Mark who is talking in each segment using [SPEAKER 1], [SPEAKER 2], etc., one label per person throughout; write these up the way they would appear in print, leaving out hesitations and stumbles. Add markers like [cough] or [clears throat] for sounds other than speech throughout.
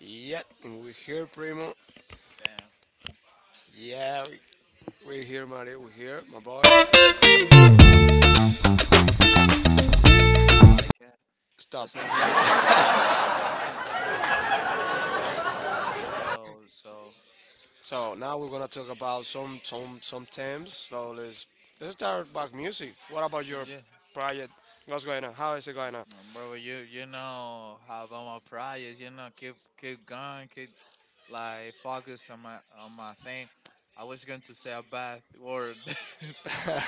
[SPEAKER 1] Yeah, and we here, Primo.
[SPEAKER 2] Damn,
[SPEAKER 1] Yeah, we here, Mario. We here, my boy.
[SPEAKER 2] I like it. That's a really good
[SPEAKER 1] Stop of that.
[SPEAKER 2] comp. Yo, so
[SPEAKER 1] [laughs] So now we're gonna talk about some themes. So let's start back music. What about your
[SPEAKER 2] yeah,
[SPEAKER 1] project? What's going on? How is it going on? [laughs]
[SPEAKER 2] bro, you know how about my projects? You know, keep keep going, keep like focus on my thing. I was going to say a bad word.
[SPEAKER 1] No,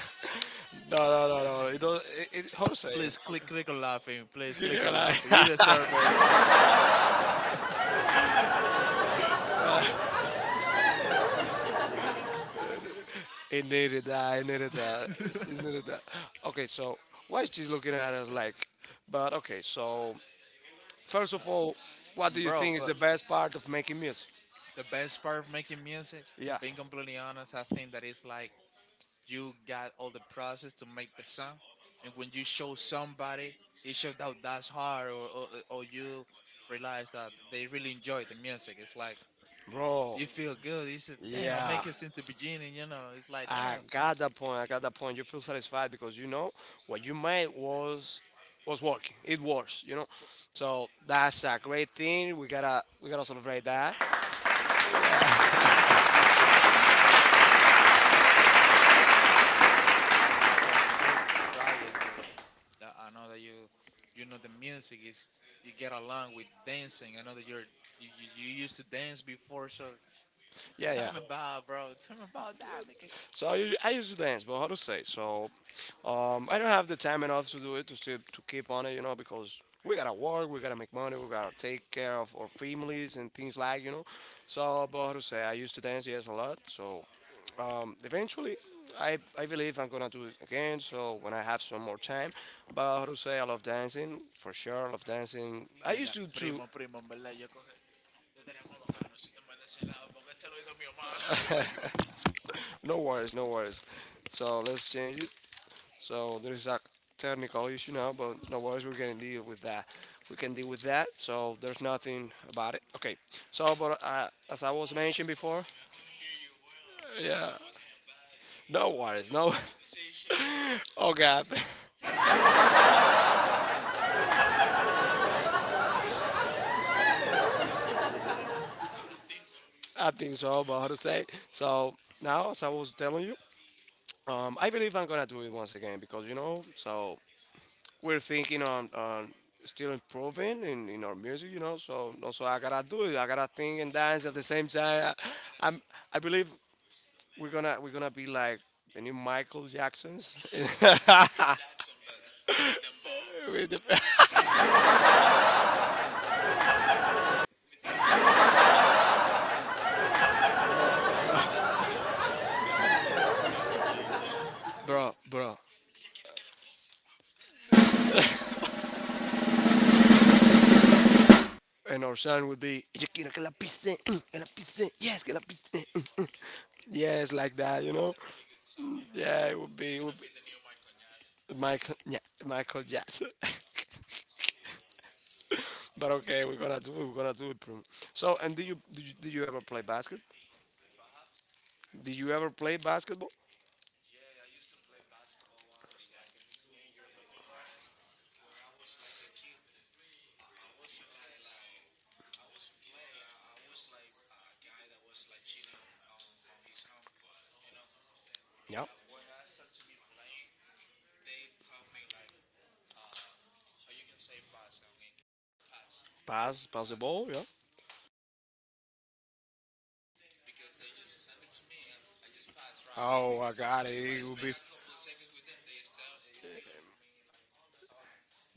[SPEAKER 1] no, no, no. It don't. It, how to say
[SPEAKER 2] [laughs] Please
[SPEAKER 1] it?
[SPEAKER 2] click
[SPEAKER 1] [laughs]
[SPEAKER 2] click on laughing. Please click
[SPEAKER 1] Yeah,
[SPEAKER 2] on laughing. You
[SPEAKER 1] like-
[SPEAKER 2] deserve it,
[SPEAKER 1] [laughs] Right. It needed that. It needed that. It needed that. Okay, so why is she looking at us like? But okay, so first of all, what do
[SPEAKER 2] [laughs]
[SPEAKER 1] you
[SPEAKER 2] bro.
[SPEAKER 1] think is the
[SPEAKER 2] But
[SPEAKER 1] best part of making music?
[SPEAKER 2] the best part of making music,
[SPEAKER 1] Yeah.
[SPEAKER 2] being completely honest, I think that it's like you got all the process to make the song, and when you show somebody, it shows that that's hard, or you realize that they really enjoy the music. It's like
[SPEAKER 1] Bro.
[SPEAKER 2] you feel good. You said, "Damn, I
[SPEAKER 1] Yeah.
[SPEAKER 2] make it since the beginning." You know, it's like,
[SPEAKER 1] I
[SPEAKER 2] "Damn."
[SPEAKER 1] got that point. I got that point. You feel satisfied because you know what you made was working. It works, you know. So that's a great thing. We gotta celebrate that. Yeah. [laughs]
[SPEAKER 2] And bro, but you gotta talk. How about the music, the priors? I know that you know, the music is you get along with dancing. I know that you're you, you you used to dance before, so
[SPEAKER 1] Yeah,
[SPEAKER 2] tell
[SPEAKER 1] yeah.
[SPEAKER 2] me about bro. Tell me about that, nigga.
[SPEAKER 1] So I used to dance, but how to say? So I don't have the time enough to do it to still to keep on it, you know, because we gotta work, we gotta make money, we gotta take care of our families and things like, you know. So, but how to say? I used to dance, yes, a lot. So eventually, I believe I'm gonna do it again. So when I have some more time, but how to say? I love dancing for sure. I love dancing. I
[SPEAKER 2] Mira,
[SPEAKER 1] used to
[SPEAKER 2] primo, primo, en verdad, yo coge. Yo tenía como conocerte en vez de ese lado, porque ese es el oído mío.
[SPEAKER 1] no worries, no worries. So let's change it. So there is a technical issue now, but no worries, we can deal with that. We can deal with that, so there's nothing about it. Okay, so but as I was mentioned before, yeah, no worries, no. [laughs] Oh God, [laughs] I think so, but how to say? It. So now, as I was telling you, I believe I'm gonna do it once again because you know, so we're thinking on still improving in our music, you know. So no, so I gotta do it. I gotta think and dance at the same time. I, I'm I believe we're gonna be like the new Michael Jacksons, [laughs] with the- bro, bro, bro, bro. And our son would be, yo quiero que la pisen, mm, que la pisen, yes, que la pisen, mm, mm." Yes, like that, you know. Yeah, it would be Michael, yeah, Michael Jackson. [laughs] But okay, we're gonna do, it, we're gonna do it. Prim. So, and do you ever play basketball? Did you ever play basketball? Yeah, pass, pass the ball. Yeah. Oh my God,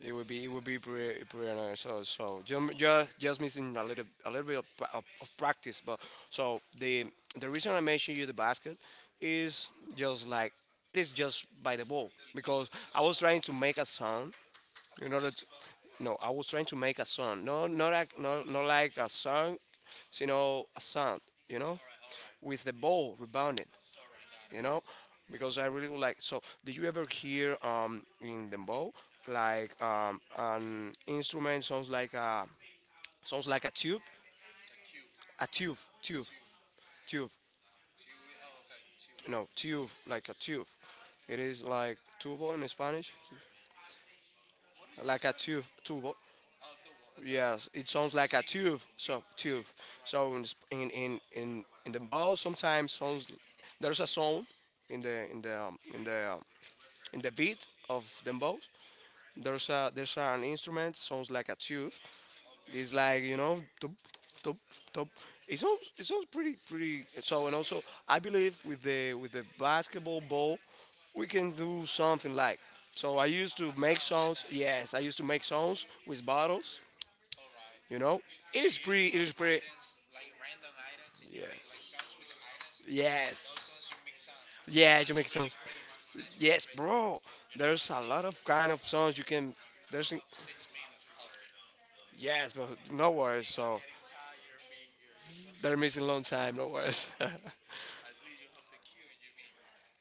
[SPEAKER 1] It would be pretty, pretty nice. So just, just missing a little bit of, pra- of practice. But so the reason I mentioned you the basket is just like it is just by the ball because I was trying to make a sound in order to no I was trying to make a sound no not like not like a sound, you know a sound you know with the ball rebounding you know, because I really would like. So, did you ever hear in dembow like an instrument sounds like a tube, tube, tube, no tube, like a tube. It is like tubo in Spanish, like a tube, tubo. Yes, it sounds like a tube. So tube. So in sp- in the bow sometimes sounds there's a sound in the in the in the in the beat of the bow. There's a there's an instrument sounds like a tube. It's like you know, tup, tup, tup. It sounds pretty pretty. So and also I believe with the basketball ball, we can do something like. So I used to make sounds. Yes, I used to make sounds with bottles. You know, it is pretty. It is pretty. Yeah. Yes. Yeah, you make songs. Yes, bro. There's a lot of kind of songs you can. There's yes, but no worries. So they're missing long time. No worries.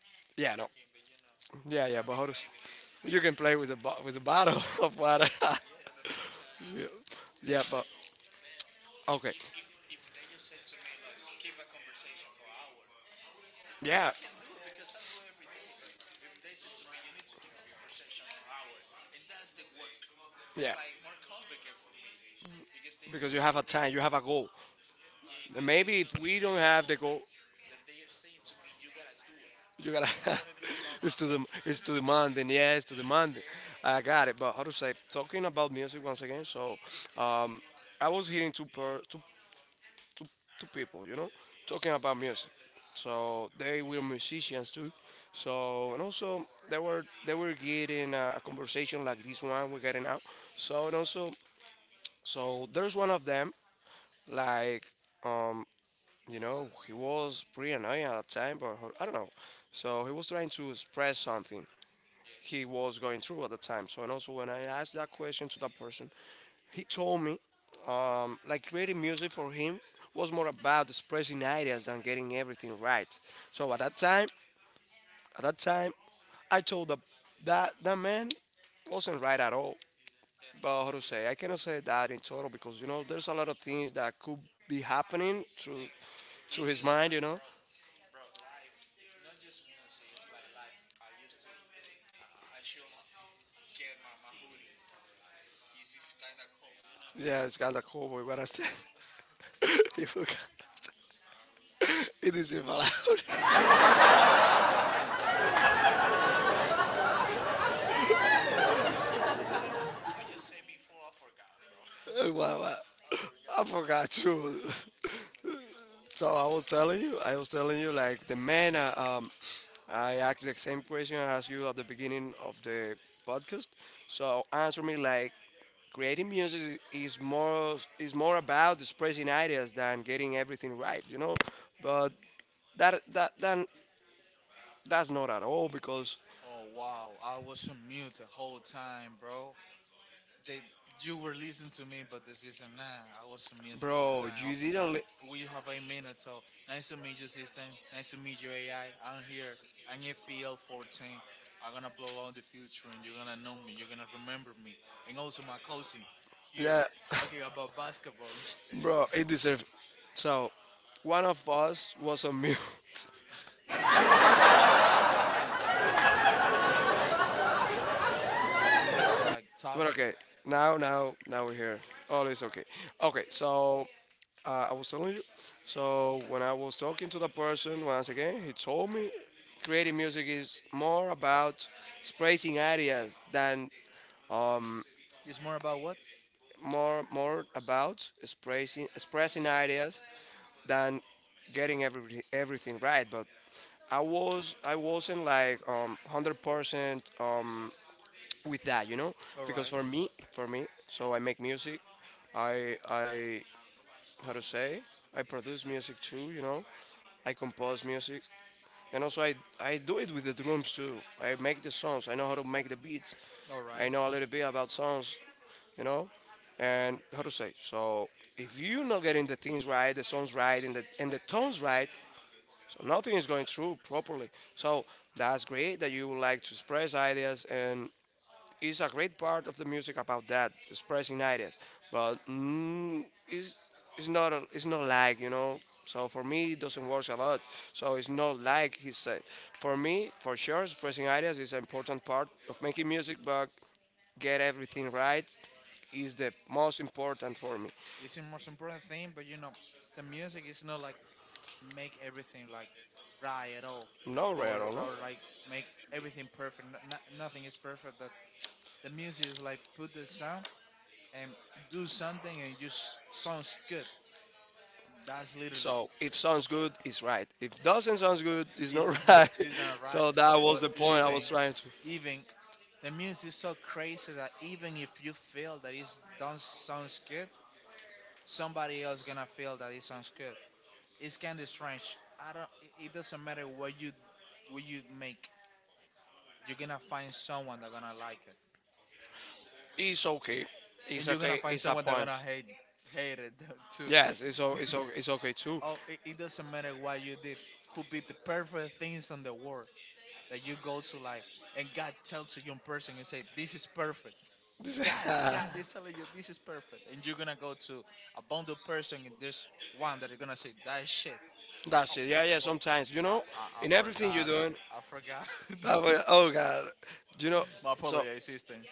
[SPEAKER 1] [laughs] Yeah, no. Yeah, yeah. But how does- you can play with a bo- with a bottle [laughs] of water. [laughs] Yeah. Yeah, but okay. Yeah, yeah. Because you have a time, you have a goal. And maybe if we don't have the goal, you gotta. [laughs] It's to the it's to demanding. Yeah, it's to demanding. I got it. But how to say? Talking about music once again. So, um, I was hearing two, two people, you know, talking about music. So they were musicians too. So and also they were getting a conversation like this one we're getting now. So and also so there's one of them like um you know he was pretty annoying at the time, but I don't know. So he was trying to express something he was going through at the time. So and also when I asked that question to that person, he told me, like creating music for him was more about expressing ideas than getting everything right. So at that time, I told the, that that man wasn't right at all. But how to say, I cannot say that in total because you know there's a lot of things that could be happening through his mind. You know, yeah, this guy's a cowboy. What I said, [laughs] you forgot. It is even loud. [laughs] Wow, wow. I forgot too. [laughs] So I was telling you, I was telling you, like the man. I asked the same question I asked you at the beginning of the podcast. So answer me like creating music is more about expressing ideas than getting everything right, you know. But that that then that's not at all because,
[SPEAKER 2] Oh, wow, I was on mute the whole time, bro. They, you were listening to me, but this isn't nah. I was on mute the whole
[SPEAKER 1] bro,
[SPEAKER 2] time. I
[SPEAKER 1] you
[SPEAKER 2] forgot.
[SPEAKER 1] didn't. Li-
[SPEAKER 2] But we have eight minutes, so nice to meet you, system. Nice to meet you, AI. I'm here. I'm FPL 14. I'm gonna blow out the future, and you're gonna know me. You're gonna remember me, and also my cousin here
[SPEAKER 1] yeah,
[SPEAKER 2] talking about basketball and shit.
[SPEAKER 1] [laughs] bro,
[SPEAKER 2] It
[SPEAKER 1] it deserves. So one of us was on mute. [laughs]
[SPEAKER 2] was a meal. I will, we need to like talk.
[SPEAKER 1] But okay, now we're here. All is okay. Okay, so I was telling you. So when I was talking to the person once again, he told me creating music is more about expressing ideas than
[SPEAKER 2] It's more about what?
[SPEAKER 1] more about expressing ideas than getting everything right. But I was I wasn't like 100% with that, you know,
[SPEAKER 2] All
[SPEAKER 1] because
[SPEAKER 2] right,
[SPEAKER 1] for me, so I make music. I how to say I produce music too, you know. I compose music. And also I do it with the drums too. I make the songs. I know how to make the beats.
[SPEAKER 2] all
[SPEAKER 1] I
[SPEAKER 2] right.
[SPEAKER 1] know a little bit about songs, you know, and how to say. So if you're not getting the things right, the songs right, and the tones right, so nothing is going through properly. So that's great that you would like to express ideas and is a great part of the music about that expressing ideas, but mm, it's not a, it's not like you know. So for me, it doesn't work a lot. So it's not like he said. For me, for sure, expressing ideas is an important part of making music, but get everything right is the most important for me.
[SPEAKER 2] It's the most important thing, but you know, the music is not like make everything like right at all,
[SPEAKER 1] No rare, no.
[SPEAKER 2] or like make everything perfect. Nothing is perfect, but the music is like put the sound and do something and just sounds good. That's literally
[SPEAKER 1] So if sounds good, it's right. If doesn't sounds good, it's
[SPEAKER 2] it's
[SPEAKER 1] not
[SPEAKER 2] not
[SPEAKER 1] [laughs] right.
[SPEAKER 2] [laughs] it's not right.
[SPEAKER 1] So that was
[SPEAKER 2] But
[SPEAKER 1] the point I
[SPEAKER 2] even
[SPEAKER 1] was trying to.
[SPEAKER 2] even the music is so crazy that even if you feel that it don't sounds good, somebody else gonna feel that it sounds good. It's kind of strange. I don't. It doesn't matter what you make. You're gonna find someone that gonna like it,
[SPEAKER 1] It's okay. It's
[SPEAKER 2] and you're gonna
[SPEAKER 1] okay.
[SPEAKER 2] find
[SPEAKER 1] It's a
[SPEAKER 2] someone that
[SPEAKER 1] point.
[SPEAKER 2] gonna hate it [laughs] too.
[SPEAKER 1] Yes, it's okay too.
[SPEAKER 2] Oh, it doesn't matter what you did. Could be the perfect things in the world that you go to like, and God tell to young person and say, "This is perfect."
[SPEAKER 1] This-
[SPEAKER 2] God is telling you this is perfect, and you're gonna go to a bundle person and this one that are gonna say that shit.
[SPEAKER 1] [laughs] That's
[SPEAKER 2] Oh,
[SPEAKER 1] it. Yeah, yeah.
[SPEAKER 2] oh,
[SPEAKER 1] Sometimes, you know,
[SPEAKER 2] I
[SPEAKER 1] in everything you're
[SPEAKER 2] forgot that.
[SPEAKER 1] doing.
[SPEAKER 2] I forgot. [laughs]
[SPEAKER 1] Oh, my- oh God. You know.
[SPEAKER 2] My
[SPEAKER 1] So
[SPEAKER 2] apology system.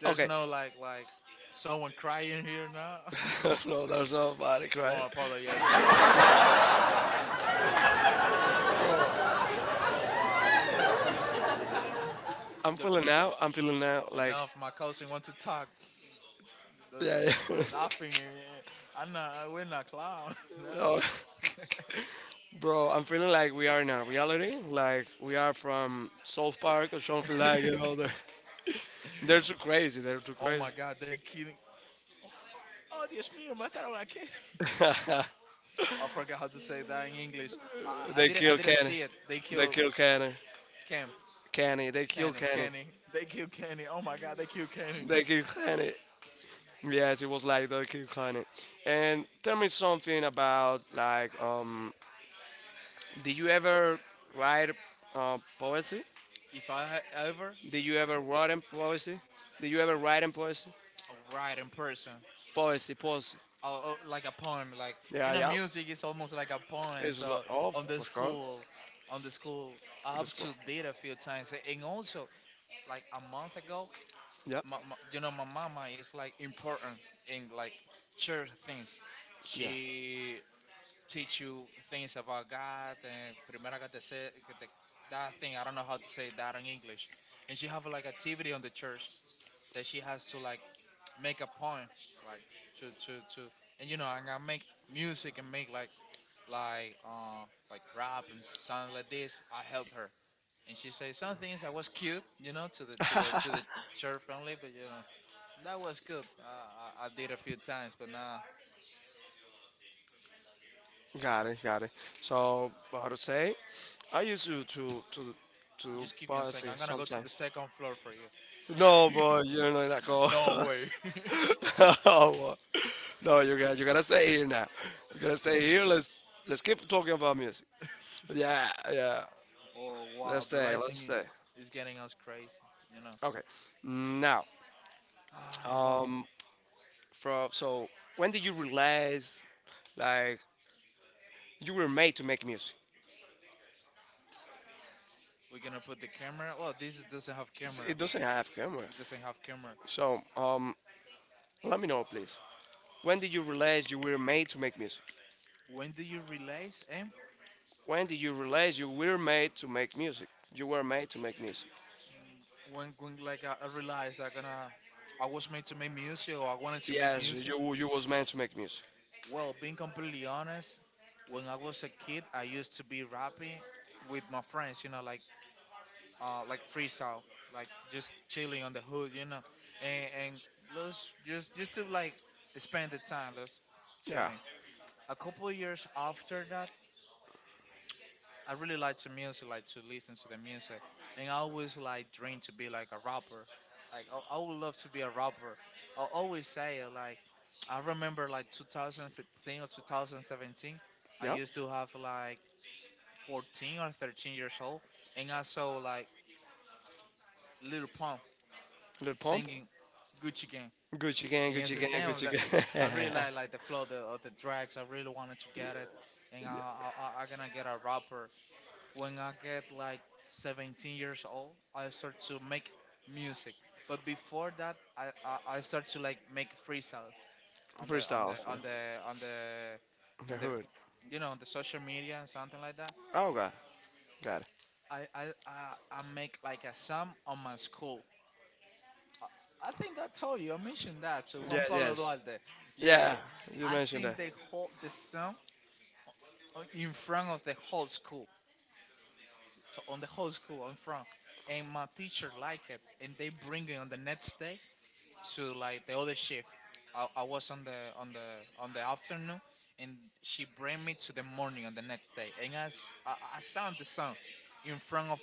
[SPEAKER 2] There's
[SPEAKER 1] okay.
[SPEAKER 2] no like like someone crying here now.
[SPEAKER 1] [laughs]
[SPEAKER 2] [laughs]
[SPEAKER 1] No, there's nobody
[SPEAKER 2] Over
[SPEAKER 1] crying,
[SPEAKER 2] my apologies.
[SPEAKER 1] bro.
[SPEAKER 2] Oh wow.
[SPEAKER 1] I'm
[SPEAKER 2] Look,
[SPEAKER 1] feeling now.
[SPEAKER 2] look,
[SPEAKER 1] Like
[SPEAKER 2] enough. My cousin wants to talk. Those
[SPEAKER 1] yeah. Yeah.
[SPEAKER 2] laughing. Eh, eh. I'm not. We're not clown. [laughs] No.
[SPEAKER 1] [laughs] Oh, bro, I'm feeling like we are in a reality. Like we are from South Park or something like it. You know.
[SPEAKER 2] [laughs]
[SPEAKER 1] They're too crazy. They're too
[SPEAKER 2] Oh
[SPEAKER 1] crazy.
[SPEAKER 2] my God. They kidding. Oh, Dios mío, mataron a Cam. I forgot how to say that in English.
[SPEAKER 1] They
[SPEAKER 2] I
[SPEAKER 1] kill
[SPEAKER 2] didn't
[SPEAKER 1] Kenny.
[SPEAKER 2] see it. They
[SPEAKER 1] They
[SPEAKER 2] killed
[SPEAKER 1] kill Kenny.
[SPEAKER 2] Cam.
[SPEAKER 1] Kenny. They kill
[SPEAKER 2] Kenny.
[SPEAKER 1] Kenny.
[SPEAKER 2] Kenny. They killed Kenny. Oh my God. They killed Kenny.
[SPEAKER 1] They kill Kenny. Yes, it was like they kill Kenny. And tell me something about like, did you ever write poetry?
[SPEAKER 2] If I ever
[SPEAKER 1] Did you ever write in poetry? Did you ever write in poetry?
[SPEAKER 2] write in person
[SPEAKER 1] Poetry, poetry.
[SPEAKER 2] or like a poem, like, you
[SPEAKER 1] Yeah,
[SPEAKER 2] know,
[SPEAKER 1] yeah.
[SPEAKER 2] music is almost like a poem,
[SPEAKER 1] It's a lot
[SPEAKER 2] so
[SPEAKER 1] of,
[SPEAKER 2] on the
[SPEAKER 1] for sure.
[SPEAKER 2] school I have
[SPEAKER 1] Let's go.
[SPEAKER 2] to did a few times, and also like a month ago
[SPEAKER 1] Yeah.
[SPEAKER 2] my, you know my mama is like important in like church things.
[SPEAKER 1] Yeah.
[SPEAKER 2] She teach you things about God, and primera que te se- que te- that thing I don't know how to say that in English. And she have like activity on the church, that she has to like make a point, like to to and you know, and I make music and make like uh like rap and sound like this. I help her and she says some things that was cute, you know, to the to the church family, but you know that was good. I did a few times, but now
[SPEAKER 1] Got it, got it. So, how to say? I used to
[SPEAKER 2] just give me a second.
[SPEAKER 1] policy
[SPEAKER 2] I'm gonna go to the
[SPEAKER 1] sometimes.
[SPEAKER 2] second floor for
[SPEAKER 1] No,
[SPEAKER 2] you.
[SPEAKER 1] boy,
[SPEAKER 2] [laughs]
[SPEAKER 1] you know not that cool.
[SPEAKER 2] No way. [laughs]
[SPEAKER 1] [laughs] Oh, boy. No, you got you gotta stay here now. You gotta stay here. Let's keep talking about music. Yeah, yeah.
[SPEAKER 2] Oh
[SPEAKER 1] Let's
[SPEAKER 2] wow, but
[SPEAKER 1] stay. Let's
[SPEAKER 2] writing
[SPEAKER 1] stay.
[SPEAKER 2] is getting us crazy, you know.
[SPEAKER 1] Okay. Now,
[SPEAKER 2] Ah wow.
[SPEAKER 1] um, from so when did you realize like you were made to make music?
[SPEAKER 2] We're gonna put the camera. Well, this doesn't have camera.
[SPEAKER 1] It doesn't have camera.
[SPEAKER 2] It doesn't have camera.
[SPEAKER 1] So, let me know, please. When did you realize you were made to make music?
[SPEAKER 2] When do you realize, eh?
[SPEAKER 1] When did you realize you were made to make music? You were made to make music.
[SPEAKER 2] When like I realized I gonna, I was made to make music, or I wanted to make
[SPEAKER 1] Yes,
[SPEAKER 2] music.
[SPEAKER 1] you was meant to make music.
[SPEAKER 2] Well, being completely honest, when I was a kid, I used to be rapping with my friends. You know, like freestyle, like just chilling on the hood. You know, and let's just to like spend the time, let's
[SPEAKER 1] Yeah,
[SPEAKER 2] chilling. A couple years after that, I really like to music, like to listen to the music, and I always like dream to be like a rapper. Like I would love to be a rapper. I always say it, like I remember like 2016 or 2017. I
[SPEAKER 1] yeah.
[SPEAKER 2] used to have like 14 or 13 years old, and I saw like Little Pump
[SPEAKER 1] Little pump.
[SPEAKER 2] singing Gucci Gang,
[SPEAKER 1] Gucci gang,
[SPEAKER 2] and I
[SPEAKER 1] Gucci
[SPEAKER 2] said,
[SPEAKER 1] gang,
[SPEAKER 2] damn,
[SPEAKER 1] Gucci
[SPEAKER 2] that
[SPEAKER 1] gang. [laughs]
[SPEAKER 2] I
[SPEAKER 1] Yeah.
[SPEAKER 2] really
[SPEAKER 1] Yeah.
[SPEAKER 2] like the flow of the dreads. I really wanted to get it, and I gonna get a rapper. When I get like 17 years old, I start to make music. But before that, I start to like make freestyles on the on the
[SPEAKER 1] Freestyles. Yeah.
[SPEAKER 2] on the on the
[SPEAKER 1] The
[SPEAKER 2] on the
[SPEAKER 1] hood.
[SPEAKER 2] you know, on the social media and something like that.
[SPEAKER 1] Oh god, got it.
[SPEAKER 2] I make like a song on my school. I think I told you I mentioned that to Juan
[SPEAKER 1] Yes,
[SPEAKER 2] Pablo
[SPEAKER 1] yes.
[SPEAKER 2] Duarte. Yeah,
[SPEAKER 1] Yeah, you
[SPEAKER 2] I
[SPEAKER 1] mentioned
[SPEAKER 2] sing
[SPEAKER 1] that.
[SPEAKER 2] the whole the song on- in front of the whole school. So on the whole school I'm from, and my teacher liked it, and they bring it on the next day to like the other shift. I was on the on the afternoon, and she bring me to the morning on the next day, and I I sang the song in front of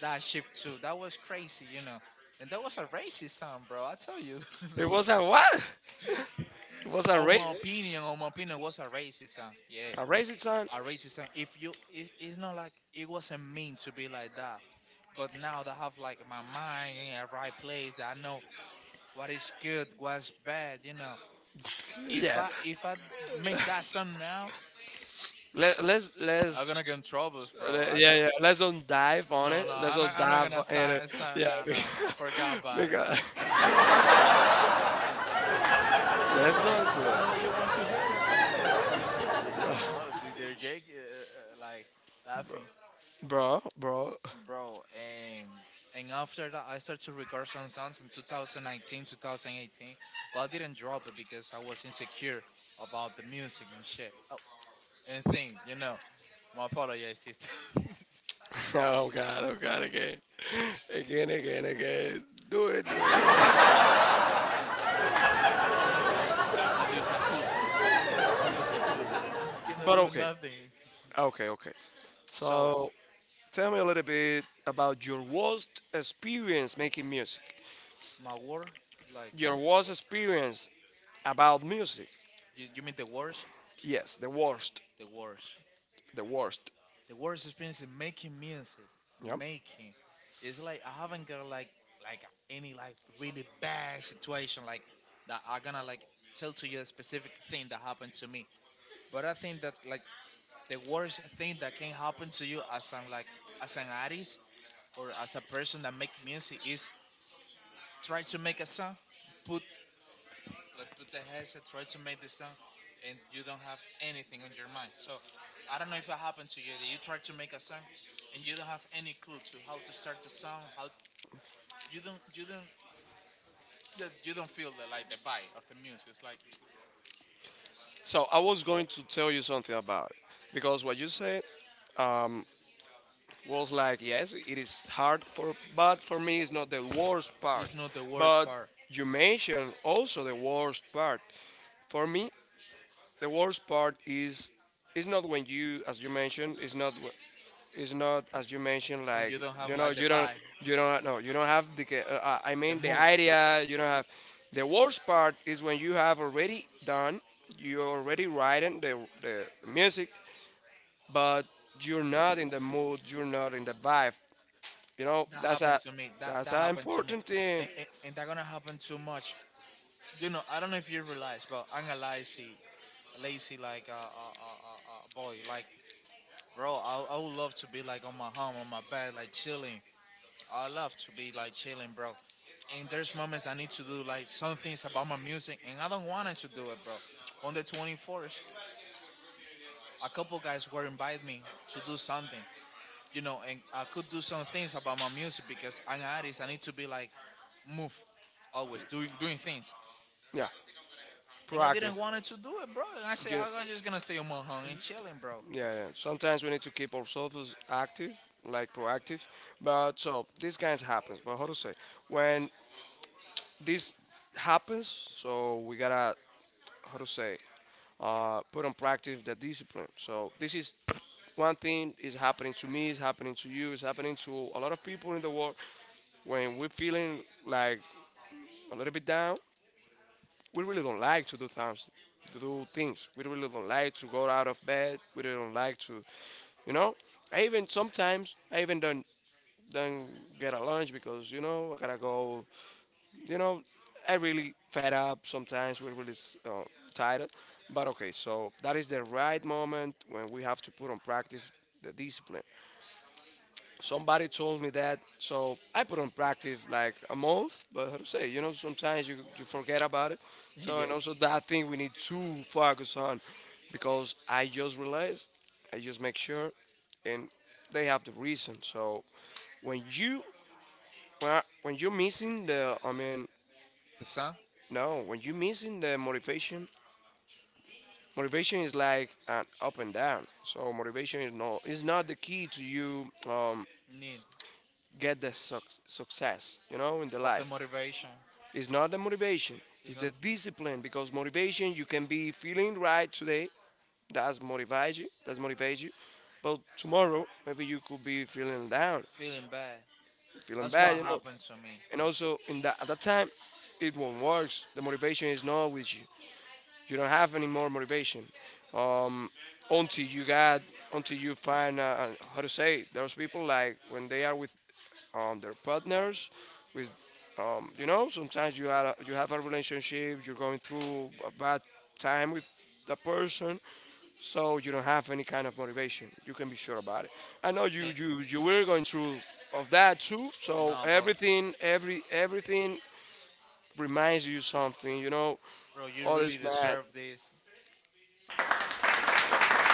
[SPEAKER 2] that shift too. That was crazy, you know. And that was a racist song, bro. I tell you, [laughs]
[SPEAKER 1] It
[SPEAKER 2] that
[SPEAKER 1] was
[SPEAKER 2] was
[SPEAKER 1] a what? It was a race?
[SPEAKER 2] opinion on my opinion was a racist song. Yeah,
[SPEAKER 1] A racist sign?
[SPEAKER 2] a racist song. If you, it's not like it wasn't mean to be like that. But now that I have like my mind in a right place, I know what is good, what's bad. You know, if
[SPEAKER 1] Yeah.
[SPEAKER 2] I make that song
[SPEAKER 1] [laughs]
[SPEAKER 2] now,
[SPEAKER 1] Let, let's
[SPEAKER 2] I'm
[SPEAKER 1] let's
[SPEAKER 2] gonna get in troubles, bro.
[SPEAKER 1] Uh,
[SPEAKER 2] I can
[SPEAKER 1] yeah, yeah. Let's don't dive on
[SPEAKER 2] no
[SPEAKER 1] it.
[SPEAKER 2] no.
[SPEAKER 1] Let's don't
[SPEAKER 2] I'm not
[SPEAKER 1] dive
[SPEAKER 2] gonna
[SPEAKER 1] in it.
[SPEAKER 2] sign.
[SPEAKER 1] Yeah,
[SPEAKER 2] Nah nah nah. Forgot
[SPEAKER 1] [laughs]
[SPEAKER 2] about it.
[SPEAKER 1] because, [laughs] because
[SPEAKER 2] [laughs] I know I know
[SPEAKER 1] let's don't do
[SPEAKER 2] that you
[SPEAKER 1] it,
[SPEAKER 2] want to hear it, but no. [laughs] No,
[SPEAKER 1] bro.
[SPEAKER 2] the, are Jake like laughing.
[SPEAKER 1] Bro.
[SPEAKER 2] Bro. And after that, I started to record some songs in 2019, 2018. But I didn't drop it because I was insecure about the music and shit. Oh, and thing. You know, my apologies, sister. [laughs]
[SPEAKER 1] Oh God! Oh God! Again, again, again. Do it, do it. You know.
[SPEAKER 2] My apologies. I'm just a hood boy. I'm from the hood. I cannot
[SPEAKER 1] But
[SPEAKER 2] do
[SPEAKER 1] okay,
[SPEAKER 2] nothing.
[SPEAKER 1] okay.
[SPEAKER 2] So
[SPEAKER 1] So tell me a little bit about your worst experience making music.
[SPEAKER 2] my war, like
[SPEAKER 1] Your worst experience about music.
[SPEAKER 2] you mean the wars?
[SPEAKER 1] Yes, the worst,
[SPEAKER 2] The wars.
[SPEAKER 1] the worst.
[SPEAKER 2] The worst experience in making music,
[SPEAKER 1] Yep.
[SPEAKER 2] making, it's like I haven't got like any like really bad situation like that. I gonna like tell to you a specific thing that happened to me. But I think that like the worst thing that can happen to you as an like as an artist or as a person that make music is try to make a song, put like put the headset, try to make the sound, and you don't have anything on your mind. So I don't know if it happened to you. That you try to make a song, and you don't have any clue to how to start the song. How you don't that you don't feel the like the vibe of the music. It's like
[SPEAKER 1] So I was going to tell you something about it because what you said um, was like, yes, it is hard for, but for me, it's not the worst part. But
[SPEAKER 2] or
[SPEAKER 1] you mentioned also the worst part. For me, the worst part is it's not when you, as you mentioned, it's not as you mentioned, like,
[SPEAKER 2] you don't have
[SPEAKER 1] you know, you don't no, you don't have the I mean, the idea, you don't have. The worst part is when you have already done, you're already writing the music, but you're not in the mood, you're not in the vibe, you know,
[SPEAKER 2] that
[SPEAKER 1] that's
[SPEAKER 2] happened
[SPEAKER 1] a
[SPEAKER 2] to me. That
[SPEAKER 1] that's
[SPEAKER 2] that
[SPEAKER 1] an
[SPEAKER 2] happened to me,
[SPEAKER 1] important thing.
[SPEAKER 2] and, and that gonna happen too much. You know, I don't know if you realize, but I'm a lazy, lazy like a boy. Like, bro, I would love to be like on my home, on my bed, like chilling, I love to be like chilling, bro. And there's moments I need to do like some things about my music, and I don't want to do it, bro. On the 24th, a couple guys were inviting me to do something, you know, and I could do some things about my music because I'm an artist. I need to be like move, always doing things.
[SPEAKER 1] Yeah,
[SPEAKER 2] And I
[SPEAKER 1] proactive.
[SPEAKER 2] didn't want to do it, bro. And I said
[SPEAKER 1] You know,
[SPEAKER 2] "Oh, I'm just gonna stay on my home and chilling, bro."
[SPEAKER 1] yeah, yeah. Sometimes we need to keep ourselves active, like proactive. But so this kind happens. But how to say, when this happens? So we gotta, how to say, put on practice the discipline. So this is one thing, is happening to me, is happening to you, is happening to a lot of people in the world. When we're feeling like a little bit down, we really don't like to do things, we really don't like to go out of bed, we really don't like to, you know, I even sometimes I even don't get a lunch because, you know, I gotta go, you know, I really fed up. Sometimes we're really uh, tired. But okay, so that is the right moment when we have to put on practice the discipline. Somebody told me that, so I put on practice like a month. But how to say, you know, sometimes you forget about it.
[SPEAKER 2] [laughs]
[SPEAKER 1] So
[SPEAKER 2] Yeah.
[SPEAKER 1] and also that thing we need to focus on, because I just realized, I just make sure, and they have the reason. So when you, when you're missing the, I mean,
[SPEAKER 2] The sun
[SPEAKER 1] no, when you're missing the motivation, motivation is like an up and down. So motivation is no, is not the key to you. Um,
[SPEAKER 2] need
[SPEAKER 1] get the success, you know, in the
[SPEAKER 2] of the
[SPEAKER 1] life.
[SPEAKER 2] motivation
[SPEAKER 1] It's not the motivation,
[SPEAKER 2] is
[SPEAKER 1] it's
[SPEAKER 2] not
[SPEAKER 1] the discipline, because motivation, you can be feeling right today, that's motivates you, that's motivates you. But tomorrow maybe you could be feeling down,
[SPEAKER 2] feeling bad.
[SPEAKER 1] feeling
[SPEAKER 2] That's
[SPEAKER 1] bad,
[SPEAKER 2] what
[SPEAKER 1] you know.
[SPEAKER 2] happened to me.
[SPEAKER 1] And also in that, at that time, it won't work. The motivation is not with you. You don't have any more motivation. Um, until you got, until you find, how to say, those people, like when they are with their partners, with, you know, sometimes you have a relationship, you're going through a bad time with the person, so you don't have any kind of motivation, you can be sure about it. I know you
[SPEAKER 2] And,
[SPEAKER 1] you you were going through of that too. So
[SPEAKER 2] no, but
[SPEAKER 1] everything, everything reminds you something, you know,
[SPEAKER 2] bro, you
[SPEAKER 1] all
[SPEAKER 2] really
[SPEAKER 1] is bad.
[SPEAKER 2] deserve this.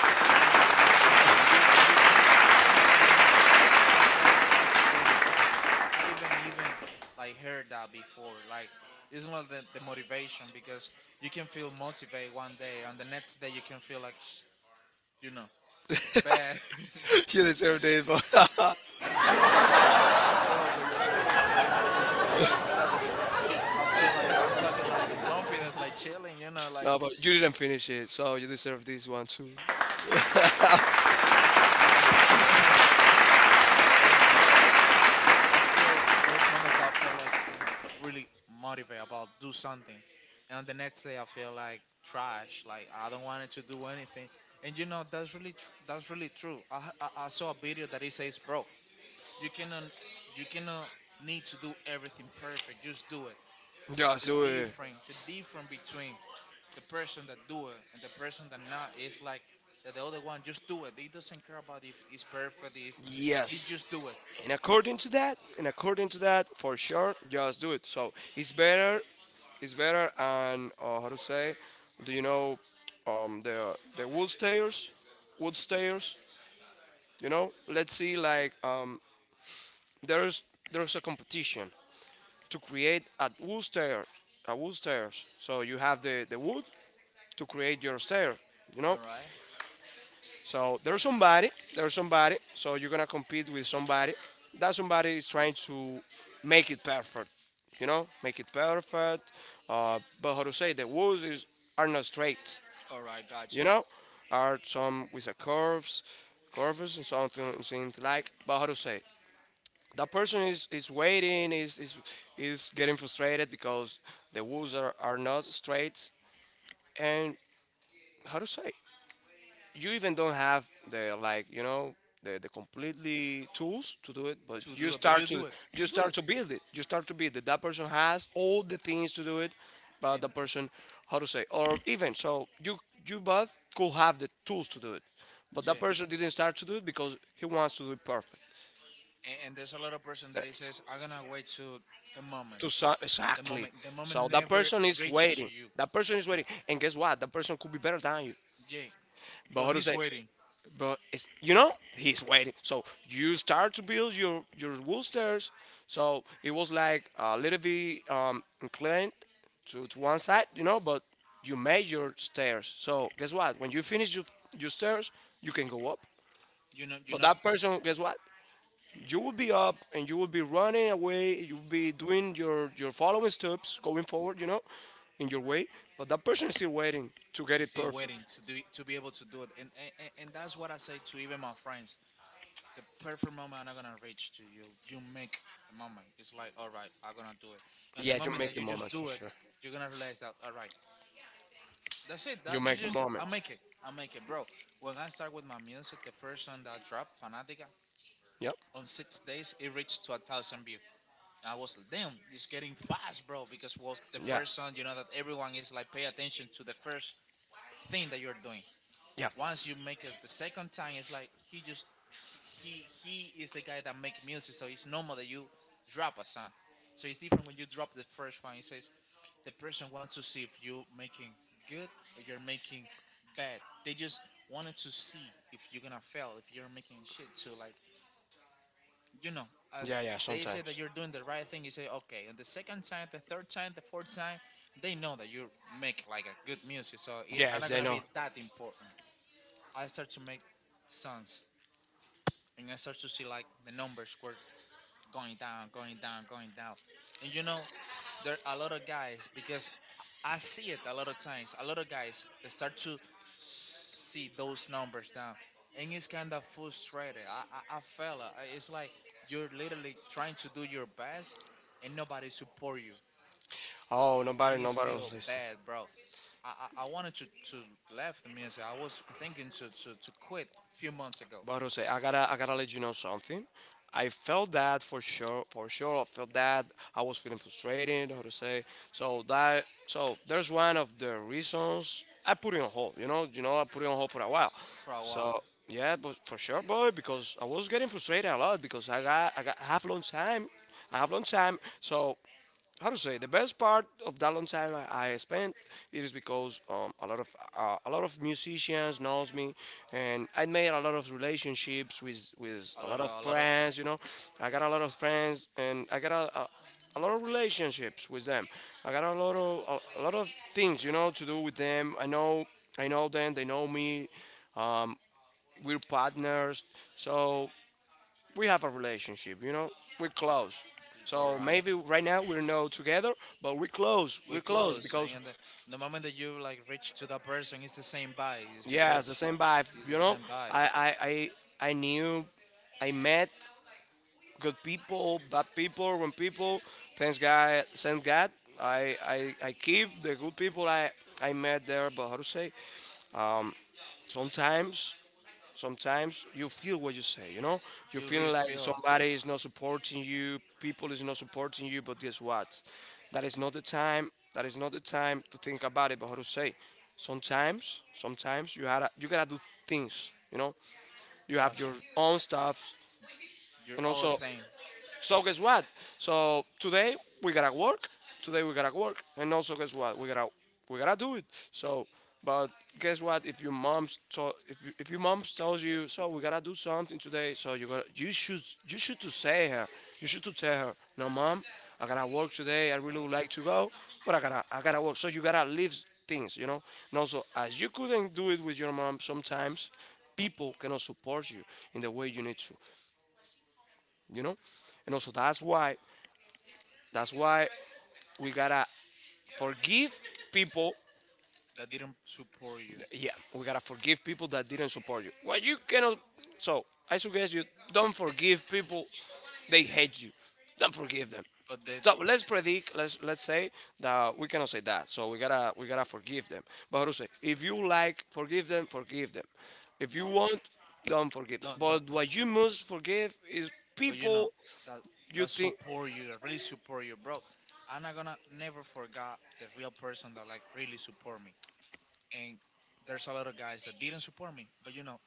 [SPEAKER 2] You really deserve this. What you say, be completely honest. That's really true. I even like heard that before. Like it's one of the motivation because you can feel motivated one day, and the next day you can feel like you know bad. [laughs]
[SPEAKER 1] [laughs] You deserve this, boy. [laughs]
[SPEAKER 2] Loco, yo lo digo automático, loco, en verdad, porque ya. I feel like I'm talking like in confidence, like chilling, like
[SPEAKER 1] No, but you didn't finish it, so you deserve this one too.
[SPEAKER 2] and [laughs] and bro, I feel there's moments that I feel like really motivated about do something, and the next day I feel like trash, like I don't want to do anything. And you know that's really true. I, h- I saw a video that it says, bro, you cannot you cannot need to do everything perfect. Just do it.
[SPEAKER 1] Just
[SPEAKER 2] The
[SPEAKER 1] do it.
[SPEAKER 2] difference the difference between the person that do it and the person that not is like that the other one just do it. He doesn't care about if it's perfect. It's He
[SPEAKER 1] Yes.
[SPEAKER 2] just do it,
[SPEAKER 1] And according to that, and according to that, for sure, just do it. So it's better, and, how to say? Do you know, the wood stairs? Wood stairs. You know, let's see. Like, there's there's a competition to create a wood stair, a wood stairs. So you have the wood to create your stair. You know,
[SPEAKER 2] right?
[SPEAKER 1] so there's somebody, there's somebody. So you're gonna compete with somebody. That somebody is trying to make it perfect. You know, make it perfect. But how to say, the walls is, are not straight.
[SPEAKER 2] All right, guys.
[SPEAKER 1] You know, are some with a curves, curves and something things like. But how to say, that person is waiting, is getting frustrated because the walls are not straight. And how to say, you even don't have the, like, you know, the completely tools to do it, but you start to,
[SPEAKER 2] Do it.
[SPEAKER 1] you
[SPEAKER 2] You do.
[SPEAKER 1] start to build it, you start to build it. That person has all the things to do it, but the person, how to say, or even so, you both could have the tools to do it, but that person didn't start to do it because he wants to do it perfect.
[SPEAKER 2] And there's a lot of person that he says, I'm gonna wait to the moment,
[SPEAKER 1] To some,
[SPEAKER 2] the
[SPEAKER 1] exactly.
[SPEAKER 2] moment, the moment
[SPEAKER 1] So that person is
[SPEAKER 2] to
[SPEAKER 1] waiting,
[SPEAKER 2] you.
[SPEAKER 1] that person is waiting, and guess what, that person could be better than you.
[SPEAKER 2] Yeah,
[SPEAKER 1] But
[SPEAKER 2] but
[SPEAKER 1] how to
[SPEAKER 2] he's
[SPEAKER 1] say,
[SPEAKER 2] waiting.
[SPEAKER 1] but it's, you know, he's waiting. So you start to build your wood stairs. So it was like a little bit inclined to one side, you know, but you made your stairs. So guess what? When you finish your stairs, you can go up.
[SPEAKER 2] You know, you're
[SPEAKER 1] But that person, guess what? You will be up and you will be running away. You'll be doing your following steps going forward, you know, in your way. But that person is still waiting to get it
[SPEAKER 2] still
[SPEAKER 1] perfect.
[SPEAKER 2] waiting to do to be able to do it. And that's what I say to even my friends. The perfect moment I'm not gonna reach to you. You make the moment. It's like, all right, I'm gonna do it. And the
[SPEAKER 1] Yeah, you
[SPEAKER 2] moment
[SPEAKER 1] make
[SPEAKER 2] that
[SPEAKER 1] the
[SPEAKER 2] you just
[SPEAKER 1] moments for
[SPEAKER 2] do it,
[SPEAKER 1] sure.
[SPEAKER 2] you're gonna realize that, all right, that's it.
[SPEAKER 1] You
[SPEAKER 2] That you
[SPEAKER 1] make the
[SPEAKER 2] just, I
[SPEAKER 1] moments.
[SPEAKER 2] make it. I make it, bro. When I start with my music, the first song that I dropped, Fanatica,
[SPEAKER 1] Yep.
[SPEAKER 2] on 6 days, it reached to 1,000 views. I was like, damn, it's getting fast, bro, because was the
[SPEAKER 1] Yeah.
[SPEAKER 2] first song, that everyone is like pay attention to the first thing that you're doing.
[SPEAKER 1] Yeah.
[SPEAKER 2] Once you make it the second time, it's like he just he he he is the guy that make music, so it's normal that you drop a song. So it's different when you drop the first one. It says the person wants to see if you are making good or you're making bad. They just wanted to see if you're gonna fail, if you're making shit. So like you know,
[SPEAKER 1] Yeah.
[SPEAKER 2] as
[SPEAKER 1] Yeah.
[SPEAKER 2] they say that
[SPEAKER 1] Sometimes.
[SPEAKER 2] you're doing the right thing, you say okay. And the second time, the third time, the fourth time, they know that you make like a good music, so it are
[SPEAKER 1] Yes,
[SPEAKER 2] not
[SPEAKER 1] they
[SPEAKER 2] gonna
[SPEAKER 1] know.
[SPEAKER 2] be that important. I start to make songs, and I start to see like the numbers were going down, going down, going down, and you know there are a lot of guys because I see it a lot of times. A lot of guys start to see those numbers down, and it's kind of frustrated. I feel it's like you're literally trying to do your best, and nobody support you,
[SPEAKER 1] Oh,
[SPEAKER 2] and
[SPEAKER 1] nobody,
[SPEAKER 2] it's
[SPEAKER 1] nobody was
[SPEAKER 2] feel
[SPEAKER 1] listening.
[SPEAKER 2] bad, bro. I, I wanted to, to left the music. I was thinking to quit a few months ago
[SPEAKER 1] But Jose, I gotta let you know something. I felt that for sure, for sure. I felt that I was feeling frustrated, how to say. So that, so there's one of the reasons I put it on hold. You know, I put it on hold for a while.
[SPEAKER 2] for a while.
[SPEAKER 1] So yeah, but for sure, boy, because I was getting frustrated a lot because I have long time, I have long time. So how to say, the best part of that long time I spent it is because, a lot of, a lot of musicians knows me, and I made a lot of relationships with
[SPEAKER 2] A
[SPEAKER 1] a
[SPEAKER 2] lot
[SPEAKER 1] lot
[SPEAKER 2] of
[SPEAKER 1] of
[SPEAKER 2] a lot of
[SPEAKER 1] friends, you know. I got a lot of friends, and I got a lot of relationships with them. I got a lot of things, you know, to do with them. I know, I know them, they know me. um, we're partners, so we have a relationship, you know? We're close.
[SPEAKER 2] All
[SPEAKER 1] So
[SPEAKER 2] right.
[SPEAKER 1] maybe right now we're not together, but we're close.
[SPEAKER 2] We
[SPEAKER 1] We're close
[SPEAKER 2] close,
[SPEAKER 1] because
[SPEAKER 2] and the moment that you like reach to that person, it's the same vibe. It's
[SPEAKER 1] yeah, it's
[SPEAKER 2] because
[SPEAKER 1] the same vibe,
[SPEAKER 2] it's
[SPEAKER 1] you
[SPEAKER 2] the
[SPEAKER 1] know?
[SPEAKER 2] same by.
[SPEAKER 1] I I I knew, I met good people, bad people, when people. Thanks God, thank God. I, I keep the good people I met there, but how to say? Um sometimes, sometimes you feel what you say, you know, you
[SPEAKER 2] You
[SPEAKER 1] feel
[SPEAKER 2] really
[SPEAKER 1] like
[SPEAKER 2] feel
[SPEAKER 1] somebody is not supporting you, people is not supporting you, but guess what, that is not the time, that is not the time to think about it. But how to say, sometimes, sometimes you gotta do things, you know, you have
[SPEAKER 2] that's
[SPEAKER 1] your own stuff.
[SPEAKER 2] your
[SPEAKER 1] And
[SPEAKER 2] other
[SPEAKER 1] also,
[SPEAKER 2] thing
[SPEAKER 1] so guess what? So today we gotta work. Today we gotta work, and also guess what? We gotta, we gotta do it. So, but guess what? If your if if your mom tells you, so we gotta do something today, so you gotta, you should, you should to say her. You should to tell her, no, mom, I gotta work today. I really would like to go, but I gotta work. So you gotta leave things, you know. And also, as you couldn't do it with your mom, sometimes people cannot support you in the way you need to, you know. And also that's why, that's why we gotta forgive people.
[SPEAKER 2] that didn't support you,
[SPEAKER 1] Yeah, we gotta forgive people that didn't support you. Well, you cannot. So I suggest you don't forgive people. They hate you. Don't forgive them.
[SPEAKER 2] but
[SPEAKER 1] So let's predict. Let's say that we cannot say that. So we gotta, we gotta forgive them. But Jose, if you like, forgive them. Forgive them. If you want, don't forgive. Them. But what you must forgive is
[SPEAKER 2] you
[SPEAKER 1] people
[SPEAKER 2] know that
[SPEAKER 1] you
[SPEAKER 2] that
[SPEAKER 1] think.
[SPEAKER 2] support you, that really support you, bro. I'm not gonna never forget the real person that like really support me. And there's a lot of guys that didn't support me, but you know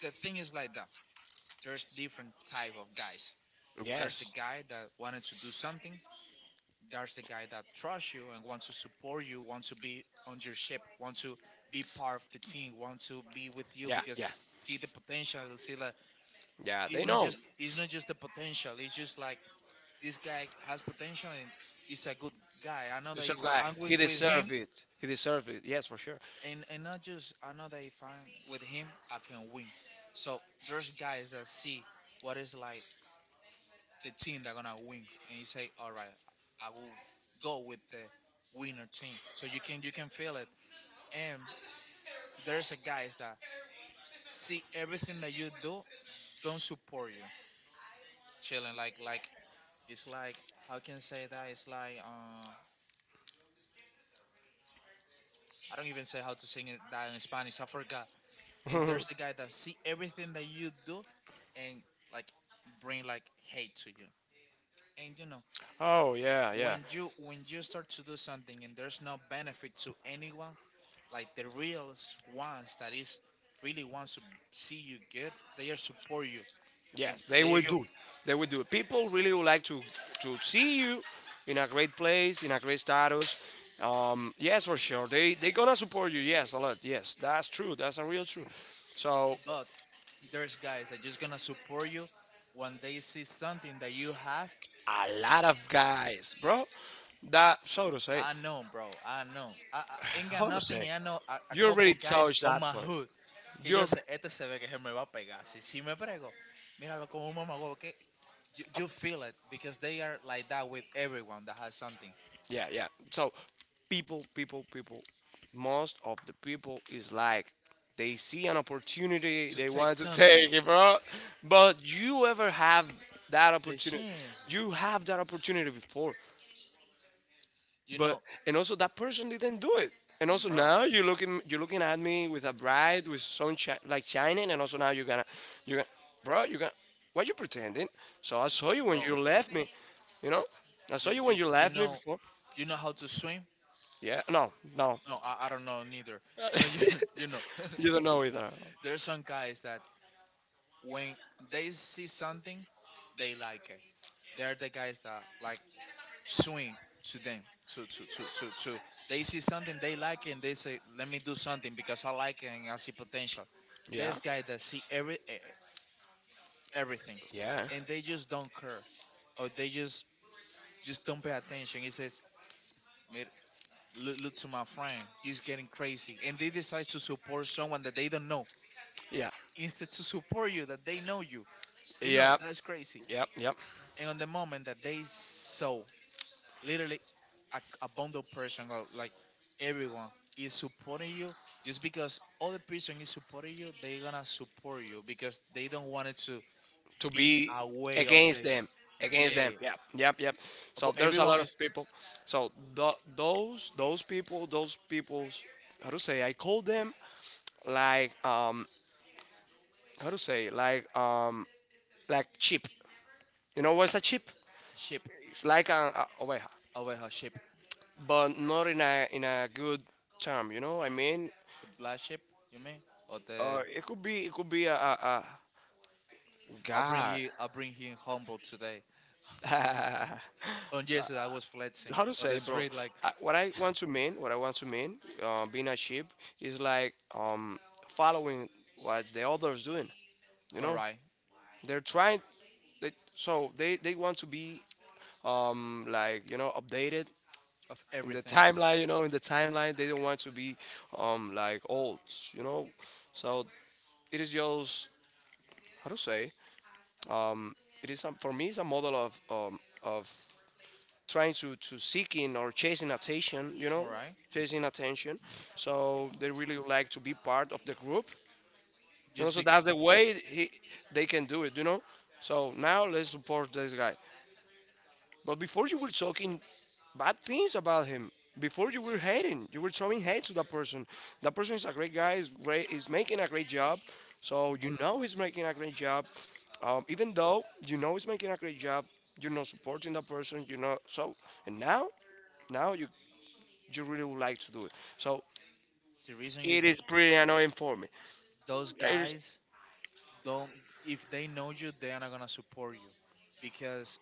[SPEAKER 2] the thing is like that. There's different type of guys. There's the
[SPEAKER 1] Yes.
[SPEAKER 2] guy that wanted to do something. There's the guy that trusts you and wants to support you, wants to be on your ship, wants to be part of the team, wants to be with you because see the potential. See that
[SPEAKER 1] Yeah,
[SPEAKER 2] it's not just the potential. It's just like this guy has potential and is a good guy. I know
[SPEAKER 1] He's
[SPEAKER 2] that
[SPEAKER 1] that
[SPEAKER 2] if I,
[SPEAKER 1] guy. I
[SPEAKER 2] I'm
[SPEAKER 1] He going
[SPEAKER 2] with him,
[SPEAKER 1] deserved it. He deserved it. Yes, for sure.
[SPEAKER 2] and not just I know that if I'm with him I can win. So there's guys that see what it's like the team that gonna win, and you say, all right, I will go with the winner team. So you can feel it. And there's a guys that see everything that you do, don't support you. Chilling like it's like how can I say that? It's like I don't even say how to sing it that in Spanish. I forgot. And there's the guy that see everything that you do, and like bring like hate to you. And you know
[SPEAKER 1] Oh yeah, yeah.
[SPEAKER 2] when you start to do something and there's no benefit to anyone, like the real ones that is really wants to see you good, they are support you, and
[SPEAKER 1] Yes, they
[SPEAKER 2] they are
[SPEAKER 1] will
[SPEAKER 2] your,
[SPEAKER 1] do. It. They will do it. People really would like to see you in a great place, in a great status. Yes, for sure. They gonna support you. Yes, a lot. Yes, that's true. That's a real true. So
[SPEAKER 2] but there's guys that just gonna support you when they see something that you have.
[SPEAKER 1] a lot of guys, bro. That so to say,
[SPEAKER 2] I know, bro, I ain't got
[SPEAKER 1] how to
[SPEAKER 2] nothing,
[SPEAKER 1] say.
[SPEAKER 2] and I know a
[SPEAKER 1] You
[SPEAKER 2] couple
[SPEAKER 1] already
[SPEAKER 2] guys
[SPEAKER 1] touched
[SPEAKER 2] on
[SPEAKER 1] that
[SPEAKER 2] my
[SPEAKER 1] point.
[SPEAKER 2] hood que yo
[SPEAKER 1] You're
[SPEAKER 2] sé este se ve que se me va a pegar si me prego míralo como un mamago que you feel it because they are like that with everyone that has something,
[SPEAKER 1] yeah, yeah. So people. Most of the people is like they see an opportunity, they want to take it, bro. But you ever have that
[SPEAKER 2] the
[SPEAKER 1] opportunity?
[SPEAKER 2] chance,
[SPEAKER 1] You have that opportunity before,
[SPEAKER 2] you
[SPEAKER 1] but
[SPEAKER 2] know,
[SPEAKER 1] and also that person didn't do it. And also
[SPEAKER 2] bro.
[SPEAKER 1] now you're looking at me with a bride with sunshine like shining, and also now you're gonna, you're gonna, what you pretending? So I saw you when you left me, you know, I saw
[SPEAKER 2] you
[SPEAKER 1] you when
[SPEAKER 2] you,
[SPEAKER 1] you
[SPEAKER 2] you
[SPEAKER 1] left me
[SPEAKER 2] know
[SPEAKER 1] before.
[SPEAKER 2] You know how to swim?
[SPEAKER 1] Yeah, no, no,
[SPEAKER 2] No, I don't know neither. But you [laughs] you know, [laughs]
[SPEAKER 1] [laughs] you don't know either.
[SPEAKER 2] there's some guys that when they see something, they like it. They're the guys that like swing to them. To. They see something they like it and they say, "Let me do something because I like it and I see potential."
[SPEAKER 1] Yeah.
[SPEAKER 2] This guy that see everything,
[SPEAKER 1] Yeah.
[SPEAKER 2] and they just don't care, or they just don't pay attention. He says, "Mir- "Look, to my friend, he's getting crazy, and they decide to support someone that they don't know
[SPEAKER 1] Yeah.
[SPEAKER 2] instead to support you that they know you. You know,
[SPEAKER 1] Yeah.
[SPEAKER 2] that's crazy.
[SPEAKER 1] Yep. Yep.
[SPEAKER 2] And on the moment that they saw literally a bundle person, or like everyone is supporting you just because other person is supporting you, they gonna support you because they don't want it to
[SPEAKER 1] To
[SPEAKER 2] be
[SPEAKER 1] be
[SPEAKER 2] a way of
[SPEAKER 1] against
[SPEAKER 2] the sh-
[SPEAKER 1] them. Against them.
[SPEAKER 2] yeah,
[SPEAKER 1] Yep. Yep. Yep. So
[SPEAKER 2] but
[SPEAKER 1] there's a
[SPEAKER 2] everyone
[SPEAKER 1] lot of
[SPEAKER 2] is
[SPEAKER 1] people. So those people those people's, how to say, I call them like, how to say like, like cheap. You know what's a cheap?
[SPEAKER 2] ship
[SPEAKER 1] It's like a, oh,
[SPEAKER 2] over her ship,
[SPEAKER 1] but not in a good term. You know what I mean?
[SPEAKER 2] the black ship you mean, or the
[SPEAKER 1] Or it could be a
[SPEAKER 2] I'll bring
[SPEAKER 1] God.
[SPEAKER 2] you I'll bring him humble today.
[SPEAKER 1] [laughs] How
[SPEAKER 2] And yes, I was flexing
[SPEAKER 1] to
[SPEAKER 2] on the
[SPEAKER 1] say, bro?
[SPEAKER 2] street like
[SPEAKER 1] I, what I
[SPEAKER 2] [laughs]
[SPEAKER 1] want to mean, what I want to mean, being a sheep is like following what the others doing. You know,
[SPEAKER 2] alright,
[SPEAKER 1] they're trying. So they want to be, like you know updated
[SPEAKER 2] of
[SPEAKER 1] in the [laughs]
[SPEAKER 2] everything.
[SPEAKER 1] timeline. You know, in the timeline, they don't want to be, like old. You know, so it is just how to say. Um, it is , for me, it's a model of trying to seeking or chasing attention, you know, chasing attention. So they really like to be part of the group, you know, so that's the way they can do it, you know. So now let's support this guy, but before you were talking bad things about him. Before you were hating, you were throwing hate to that person. That person is a great guy. Is great. Is making a great job. So you know he's making a great job. Even though you know he's making a great job, you're not supporting that person. You know. So and now, now you really would like to do it. So
[SPEAKER 2] The reason
[SPEAKER 1] it is pretty annoying for me.
[SPEAKER 2] those
[SPEAKER 1] It is,
[SPEAKER 2] guys don't, if they know you they are not gonna support you. Because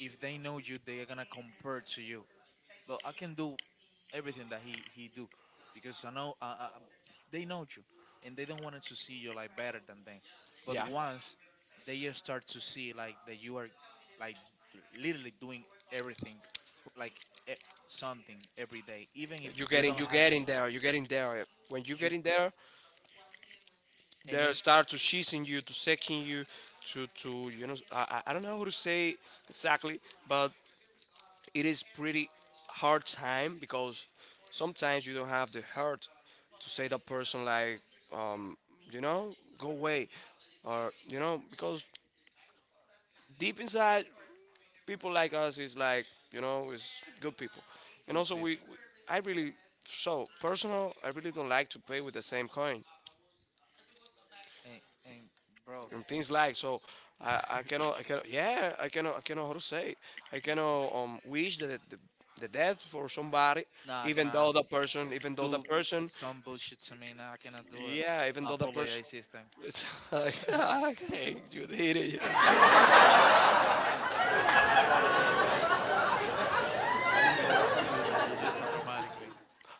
[SPEAKER 2] if they know you they are gonna compare to you. But I can do everything that he do because I know they know you, and they don't want to see you like better than them. But
[SPEAKER 1] yeah.
[SPEAKER 2] once they just start to see like that you are like literally doing everything like e- something every day, even if
[SPEAKER 1] You getting there. You are getting there. When you get in there, they
[SPEAKER 2] and,
[SPEAKER 1] start to chasing you, to seeking you, to you know I don't know how to say exactly, but it is pretty hard time because sometimes you don't have the heart to say that person like um you know, go away, or you know, because deep inside people like us is like, you know, is good people. And also we I really, so personal, I really don't like to pay with the same coin
[SPEAKER 2] and bro,
[SPEAKER 1] and things like so. I, I
[SPEAKER 2] [laughs]
[SPEAKER 1] cannot I cannot yeah I cannot how to say, I cannot wish the death for somebody,
[SPEAKER 2] nah,
[SPEAKER 1] even though the person, even though the person,
[SPEAKER 2] I'm bullshit to me. Nah, I cannot do
[SPEAKER 1] yeah, even though the person
[SPEAKER 2] this thing.
[SPEAKER 1] [laughs] it's like [laughs]
[SPEAKER 2] [laughs]
[SPEAKER 1] okay you did it. Yeah.
[SPEAKER 2] No, I apologize. This thing. I didn't want to do that. It's just automatically.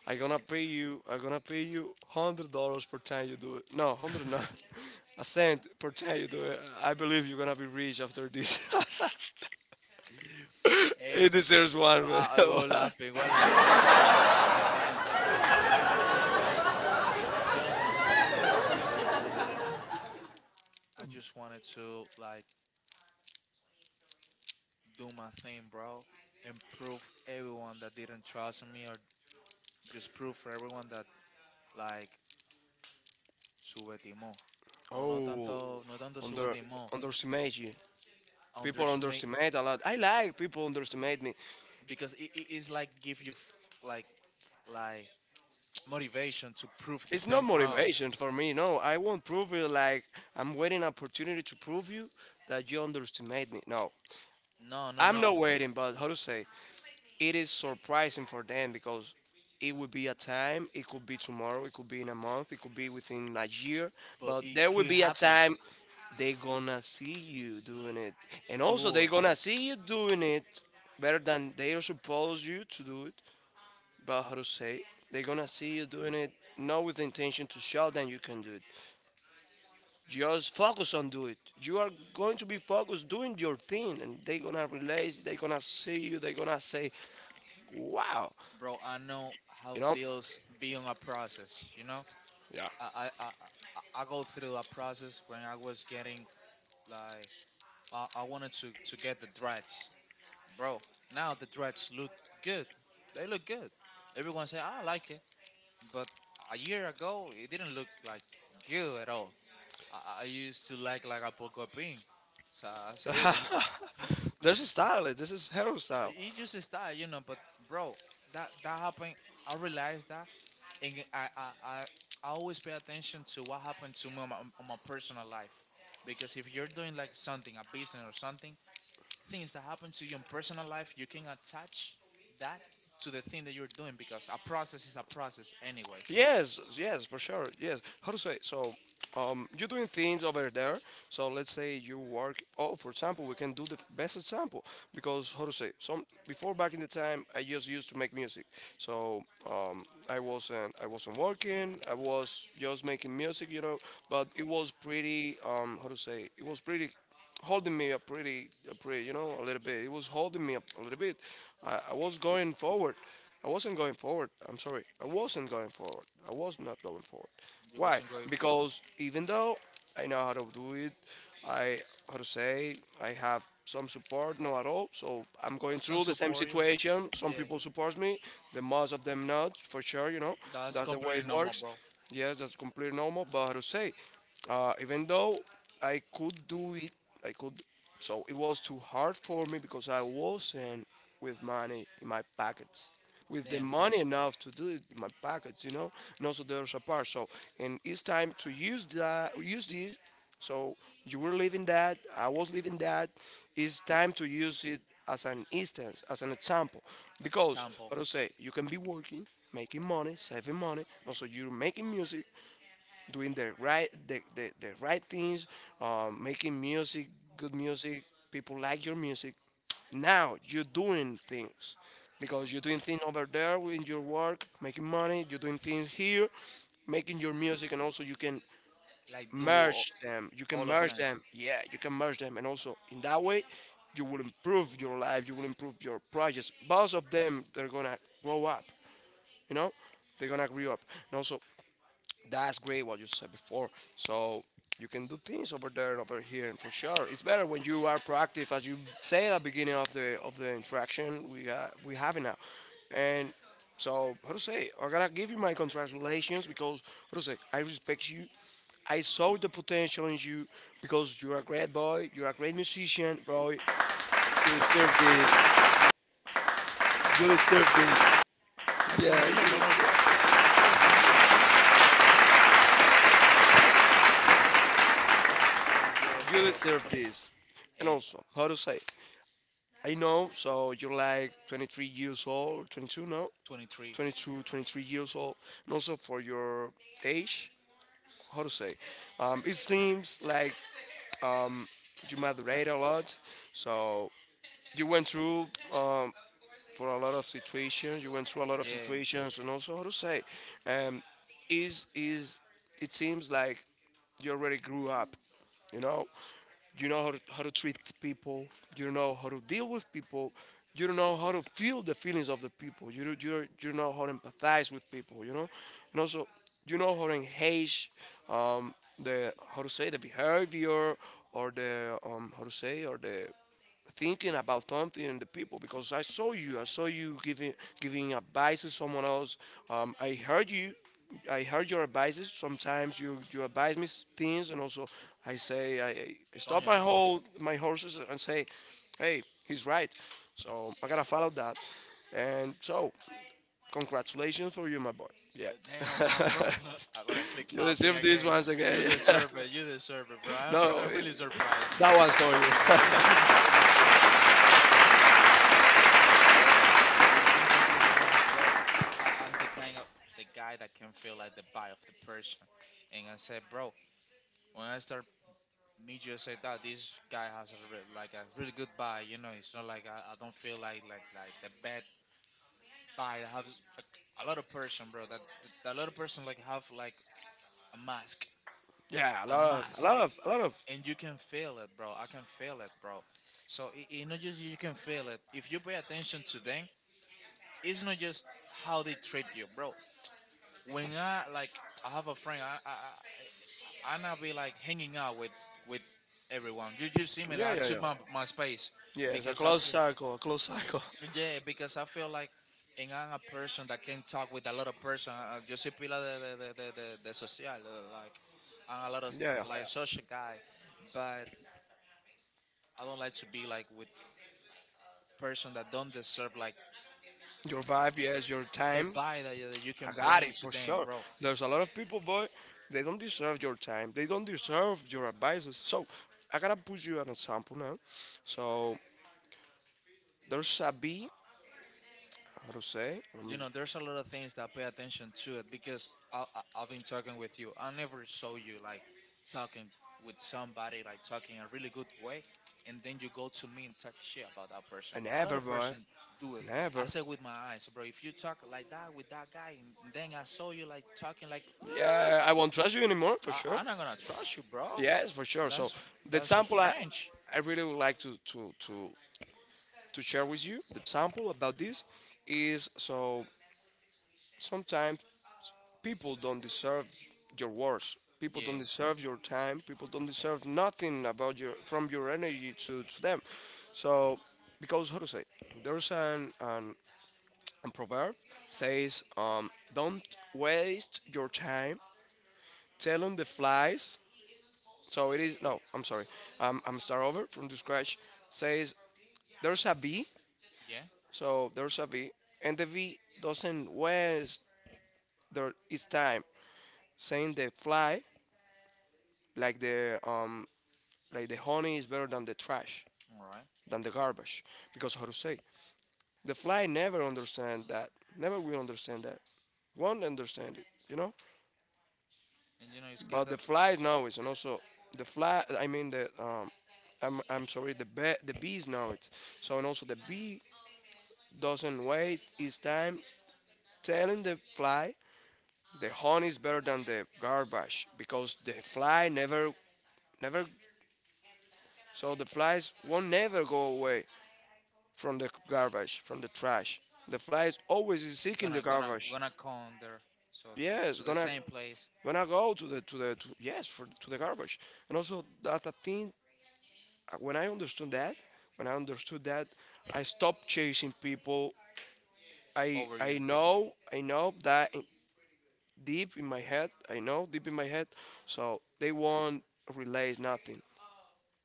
[SPEAKER 1] I gonna pay you $100 per time you do it. No, hundred no,
[SPEAKER 2] [laughs]
[SPEAKER 1] [laughs] a cent per time you do it. I believe you're gonna be rich after this. [laughs]
[SPEAKER 2] Hey,
[SPEAKER 1] It deserves one.
[SPEAKER 2] what laughing? What laughing? And then, bro, you know, the only thing that I wants to do, bro. I just wanted to like do my thing, bro, and prove everyone that didn't trust me, or just prove for everyone that like subestimó,
[SPEAKER 1] [laughs]
[SPEAKER 2] or no,
[SPEAKER 1] Oh,
[SPEAKER 2] no tanto
[SPEAKER 1] under
[SPEAKER 2] subestimó,
[SPEAKER 1] underestimate. People underestimate a lot. I like people underestimate me.
[SPEAKER 2] because it is like give you like like motivation to prove the
[SPEAKER 1] It's not
[SPEAKER 2] thing wrong.
[SPEAKER 1] motivation for me. No, I won't prove it. Like, I'm waiting opportunity to prove you that you underestimate me. No,
[SPEAKER 2] No,
[SPEAKER 1] I'm
[SPEAKER 2] no,
[SPEAKER 1] not waiting. But how to say? It is surprising for them because it would be a time. It could be tomorrow. It could be in a month. It could be within a year.
[SPEAKER 2] but
[SPEAKER 1] But there will be a time they gonna see you doing it, and also they gonna see you doing it better than they are supposed you to do it. But how to say, they're gonna see you doing it not with the intention to show them you can do it. Just focus on do it. You are going to be focused doing your thing, and they're gonna realize, they're gonna see you, they're gonna say, "Wow,"
[SPEAKER 2] bro, I know how
[SPEAKER 1] you know.
[SPEAKER 2] feels being a process. You know,
[SPEAKER 1] Yeah.
[SPEAKER 2] I go through a process when I was getting like I wanted to, get the dreads, bro. Now the dreads look good. They look good. Everyone say "Ah, I like it," but a year ago it didn't look like good at all. I used to like a poco pin. So I
[SPEAKER 1] So
[SPEAKER 2] say
[SPEAKER 1] [laughs]
[SPEAKER 2] [laughs]
[SPEAKER 1] there's a style. This is hairstyle.
[SPEAKER 2] it's just a style, you know. But bro, that happened. I realized that, and I always pay attention to what happened to me on my personal life, because if you're doing like something, a business or something, things that happen to you in personal life, you can attach that to the thing that you're doing because a process is a process, anyways.
[SPEAKER 1] Yes, yes, for sure. Yes. How to say? So, you're doing things over there. So let's say you work. Oh, for example, we can do the best example because how to say? Some before back in the time, I just used to make music. So um, I wasn't working. I was just making music, you know. But it was pretty how to say? It was pretty holding me up pretty, pretty, you know, a little bit. It was holding me up a little bit. I was going forward. I wasn't going forward. I'm sorry. I wasn't going forward. I was not going forward.
[SPEAKER 2] You-
[SPEAKER 1] Why? Because even though I know how to do it, I, how to say, I have some support, not at all. So I'm going through the same situation. Some people support me, the most of them not, for sure. You know,
[SPEAKER 2] that's
[SPEAKER 1] that's the way
[SPEAKER 2] completely
[SPEAKER 1] it
[SPEAKER 2] normal,
[SPEAKER 1] works.
[SPEAKER 2] bro.
[SPEAKER 1] Yes, that's completely normal. But how to say, even though I could do it, I could. So it was too hard for me because I wasn't with money in my pockets, with the
[SPEAKER 2] Damn.
[SPEAKER 1] money enough to do it in my pockets, you know. And also there's a part. So and it's time to use that, use this. So you were living that, I was living that. It's time to use it as an instance, as an example, because what I say, you can be working, making money, saving money. Also, you're making music, doing the right the right things, making music, good music. People like your music. Now you're doing things because you're doing things over there in your work, making money. You're doing things here, making your music, and also you can
[SPEAKER 2] Like,
[SPEAKER 1] merge them. You can merge them. Yeah, you can merge them, and also in that way, you will improve your life. You will improve your projects. Both of them, they're gonna grow up. You know, they're gonna grow up, and also that's great what you said before. So you can do things over there and over here, and for sure, it's better when you are proactive, as you say at the beginning of the interaction we having now. And so, how to say? I gotta give you my congratulations because how to say? I respect you. I saw the potential in you because you're a great boy. You're a great musician, bro.
[SPEAKER 2] [laughs] se
[SPEAKER 1] Yeah,
[SPEAKER 2] fundí los
[SPEAKER 1] deserve,
[SPEAKER 2] muchachos. And
[SPEAKER 1] you
[SPEAKER 2] yeah,
[SPEAKER 1] deserve this. And also, how to say? I know, so you're like 23 years old, 22 now?
[SPEAKER 2] 23.
[SPEAKER 1] 22, 23 years old. And also for your age, how to say, it seems like you maturate a lot. So you went through uh, for a lot of situations. You went through a lot of situations, and also how to say, um, is it seems like you already grew up. You know, you know how to treat people. You know how to deal with people. You know how to feel the feelings of the people. You know how to empathize with people. You know, and also you know how to engage um, the how to say the behavior or the how to say or the thinking about something in the people because I saw you. I saw you giving advice to someone else. I heard you. I heard your advices. Sometimes you advise me things, and also I say I, I stop
[SPEAKER 2] Coño.
[SPEAKER 1] my whole my horses and say, "Hey, he's right." So I gotta follow that. And so, congratulations for you, my boy. Yeah,
[SPEAKER 2] Damn, my bro. [laughs] I'm gonna
[SPEAKER 1] [laughs]
[SPEAKER 2] click
[SPEAKER 1] you
[SPEAKER 2] clapping
[SPEAKER 1] deserve this
[SPEAKER 2] again.
[SPEAKER 1] once
[SPEAKER 2] You
[SPEAKER 1] again.
[SPEAKER 2] deserve it. You deserve it, bro.
[SPEAKER 1] [laughs]
[SPEAKER 2] I'm,
[SPEAKER 1] No,
[SPEAKER 2] I'm really surprised, nigga.
[SPEAKER 1] that one's for
[SPEAKER 2] [laughs]
[SPEAKER 1] you. [laughs]
[SPEAKER 2] That was that was really good. But yeah, bro. Being completely honest, bro, I'm the kind of the guy that can feel like the vibe of the person. And I said, bro, when I start meet you, I say that this guy has a like a really good vibe. You know, it's not like I don't feel like like the bad vibe. I have a lot of person, bro. That a lot of person like have like a mask,
[SPEAKER 1] Yeah, a
[SPEAKER 2] a
[SPEAKER 1] lot of a
[SPEAKER 2] mask,
[SPEAKER 1] lot of a lot of
[SPEAKER 2] a- And you can feel it, bro. I can feel it, bro. So it not just you can feel it. If you pay attention to them, it's not just how they treat you, bro. When I like, I have a friend. I not be like hanging out with everyone. You just see me that
[SPEAKER 1] yeah,
[SPEAKER 2] I
[SPEAKER 1] yeah,
[SPEAKER 2] took
[SPEAKER 1] yeah.
[SPEAKER 2] my space
[SPEAKER 1] Yeah, it's a
[SPEAKER 2] because I
[SPEAKER 1] close
[SPEAKER 2] feel
[SPEAKER 1] cycle, a closed cycle.
[SPEAKER 2] yeah because I feel like. And I'm a person that can talk with a lot of person. Yo soy pila de social, like I'm a lot of
[SPEAKER 1] [laughs] Yeah, yeah.
[SPEAKER 2] like social guy, but I don't like to be like with person that don't deserve like
[SPEAKER 1] Your vibe, yes, your
[SPEAKER 2] the
[SPEAKER 1] time.
[SPEAKER 2] vibe that you
[SPEAKER 1] I
[SPEAKER 2] can
[SPEAKER 1] got
[SPEAKER 2] bring
[SPEAKER 1] it
[SPEAKER 2] to
[SPEAKER 1] for
[SPEAKER 2] them,
[SPEAKER 1] sure.
[SPEAKER 2] bro.
[SPEAKER 1] There's a lot of people, boy, they don't deserve your time. They don't deserve your advices. So I gotta put you an example now. So there's a bee, how to say? Let
[SPEAKER 2] You
[SPEAKER 1] me
[SPEAKER 2] know, there's a lot of things that pay attention to it because I've been talking with you. I never saw you like talking with somebody like talking a really good way, and then you go to me and talk shit about that person.
[SPEAKER 1] an
[SPEAKER 2] A lot
[SPEAKER 1] ever
[SPEAKER 2] of
[SPEAKER 1] boy.
[SPEAKER 2] person do it.
[SPEAKER 1] An ever.
[SPEAKER 2] I said with my eyes, bro, if you talk like that with that guy and then I saw you like talking like,
[SPEAKER 1] Like,
[SPEAKER 2] "Ugh,
[SPEAKER 1] yeah, I won't trust you anymore for sure.
[SPEAKER 2] I'm not gonna trust you, bro.
[SPEAKER 1] Yes, for sure. So
[SPEAKER 2] that's
[SPEAKER 1] the
[SPEAKER 2] that's so
[SPEAKER 1] example I,
[SPEAKER 2] strange."
[SPEAKER 1] I really would like to share with you, the example about this is so sometimes people don't deserve your words. People don't
[SPEAKER 2] Yeah,
[SPEAKER 1] deserve your time. People don't deserve nothing about your from your energy to them. So because how to say there's an proverb says don't waste your time telling the flies. So it is no. I'm sorry. I'm start over from the scratch. Says there's a V.
[SPEAKER 2] yeah,
[SPEAKER 1] So there's a V, and the V doesn't waste there its time, saying the fly, like the like, the honey is better than the trash,
[SPEAKER 2] all right.
[SPEAKER 1] than the garbage. Because how to say, the fly never understand that, never will understand that, won't understand it.
[SPEAKER 2] And you know, it's kind
[SPEAKER 1] But the
[SPEAKER 2] of
[SPEAKER 1] fly knows. And also the fly I mean the I'm sorry the be- the bees know it. So and also the bee doesn't waste his time telling the fly the honey is better than the garbage, because the fly never, never so the flies won't never go away from the garbage, from the trash. The fly is always is seeking the garbage.
[SPEAKER 2] gonna come there, so
[SPEAKER 1] Yes, gonna,
[SPEAKER 2] please.
[SPEAKER 1] gonna go to yes, for to the garbage. And also that a thing, when I understood that, when I understood that, I stopped chasing people. I know, I know that deep in my head. I know deep in my head. So they won't relate nothing.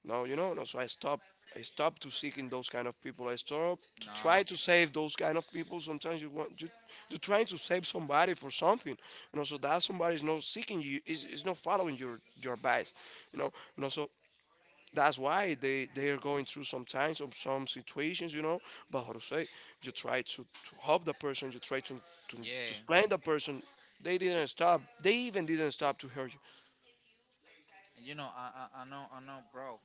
[SPEAKER 1] No, you know. No, so I stop. I stop to seeking those kind of people. I stop to
[SPEAKER 2] No,
[SPEAKER 1] try to save those kind of people. Sometimes you want you, you're trying to save somebody for something. You know, so that somebody is not seeking you. Is not following your advice. You know. You know. So that's why they are going through sometimes of some situations, you know. But how to say, you try to help the person, you try to, to
[SPEAKER 2] yeah.
[SPEAKER 1] explain the person. They didn't stop, they even didn't stop to hurt you.
[SPEAKER 2] And you know, I know I know, bro.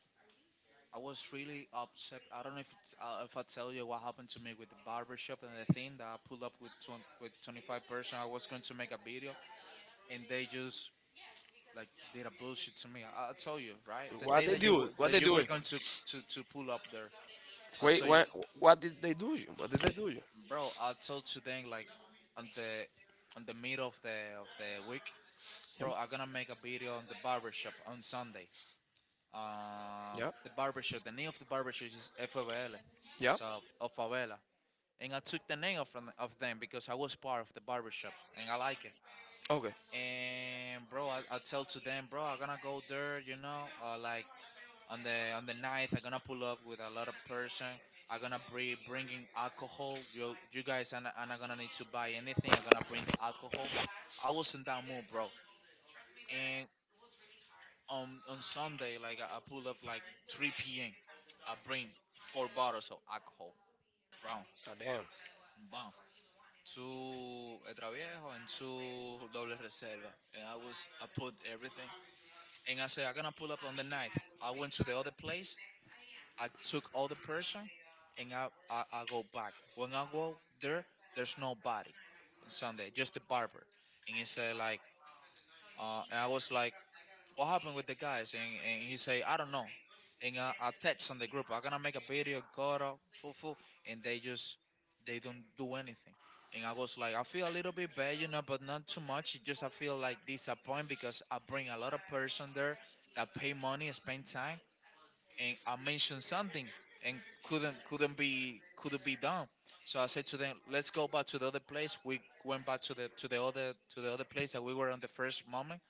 [SPEAKER 2] I was really upset. I don't know if it's, if I tell you what happened to me with the barbershop and the thing that I pulled up with with 25 person. I was going to make a video, and they just like did a bullshit to me. I'll tell you, right? The
[SPEAKER 1] What
[SPEAKER 2] day
[SPEAKER 1] they do, what
[SPEAKER 2] that
[SPEAKER 1] they
[SPEAKER 2] you were
[SPEAKER 1] do?
[SPEAKER 2] going to pull up there, I'll
[SPEAKER 1] Wait,
[SPEAKER 2] tell you,
[SPEAKER 1] what what did they do you, what did they do you?
[SPEAKER 2] bro. I told to them like on the on the middle of the week,
[SPEAKER 1] Yeah.
[SPEAKER 2] bro. I'm gonna make a video on the barbershop on Sunday.
[SPEAKER 1] Yeah.
[SPEAKER 2] The barbershop. The name of the barbershop is FBL,
[SPEAKER 1] Yeah.
[SPEAKER 2] so of Favela. And I took the name of, from of them because I was part of the barbershop and I like it.
[SPEAKER 1] Okay.
[SPEAKER 2] And bro, I tell to them, bro, I'm gonna go there, you know, like on the ninth, I'm gonna pull up with a lot of person. I'm gonna bring bringing alcohol. You guys are not gonna need to buy anything. I'm gonna bring the alcohol. I was in that mood, bro. And on Sunday, like I pull up like 3 p.m. I bring four bottles of alcohol, brown,
[SPEAKER 1] God damn.
[SPEAKER 2] brown, two Etra Viejo and two Doble Reserva, and I was I put everything, and I said I'm gonna pull up on the ninth. I went to the other place, I took all the person, and I go back. When I go there, there's nobody on Sunday, just the barber, and he said like, and I was like, what happened with the guys, and he say I don't know. And I text on the group, I'm gonna make a video, go to foo foo, and they just they don't do anything. And I was like, I feel a little bit bad, you know, but not too much. It just I feel like disappointed because I bring a lot of person there that pay money, spend time, and I mentioned something, and couldn't be done. So I said to them, let's go back to the other place. We went back to the other place that we were on the first moment,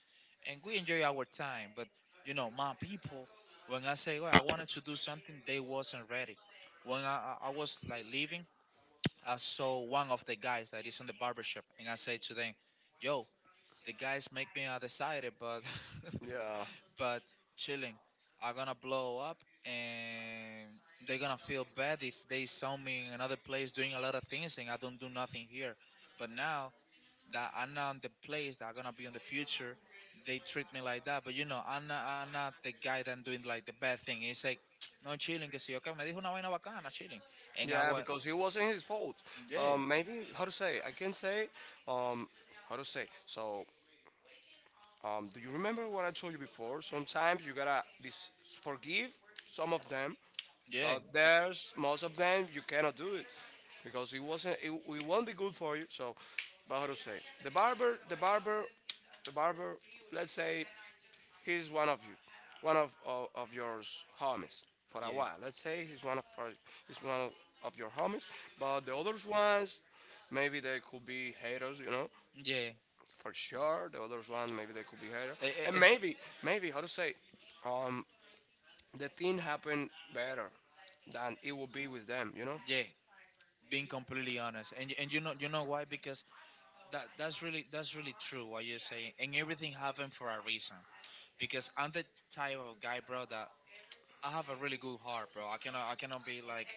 [SPEAKER 2] and we enjoy our time. But you know, my people, when I say well, I wanted to do something, they wasn't ready. When I was like leaving, I saw one of the guys that is in the barbershop, and I say to them, "Yo, the guys make me undecided, but [laughs]
[SPEAKER 1] Yeah,
[SPEAKER 2] but chilling, I'm gonna blow up and." They're gonna feel bad if they saw me in another place doing a lot of things and I don't do nothing here. But now that I'm not on the place that are gonna be on the future, they treat me like that. But you know, I'm not the guy that doing like the bad thing. It's like, no chilling, que si yo que me dijo una vaina bacana, chilling. And
[SPEAKER 1] algo, because it wasn't his fault. Yeah.
[SPEAKER 2] yeah,
[SPEAKER 1] Maybe, how to say? I can say. Um, how to say? So, do you remember what I told you before? Sometimes you gotta dis- forgive some of them,
[SPEAKER 2] yeah,
[SPEAKER 1] but there's most of them you cannot do it, because it wasn't it, it won't be good for you. So, but how to say, the barber, the barber, the barber. Let's say he's one of you, one of of your homies for a while. Let's say he's one of our- he's one of your homies, but the others ones maybe they could be haters. You know,
[SPEAKER 2] yeah,
[SPEAKER 1] for sure. The others one maybe they could be haters,
[SPEAKER 2] eh,
[SPEAKER 1] and
[SPEAKER 2] eh,
[SPEAKER 1] maybe, maybe how to say, um the thing happened better than it would be with them. You know,
[SPEAKER 2] yeah. Being completely honest, and you know why? Because that's really true what you're saying, and everything happened for a reason. Because I'm the type of guy, bro, that I have a really good heart, bro. I cannot be like,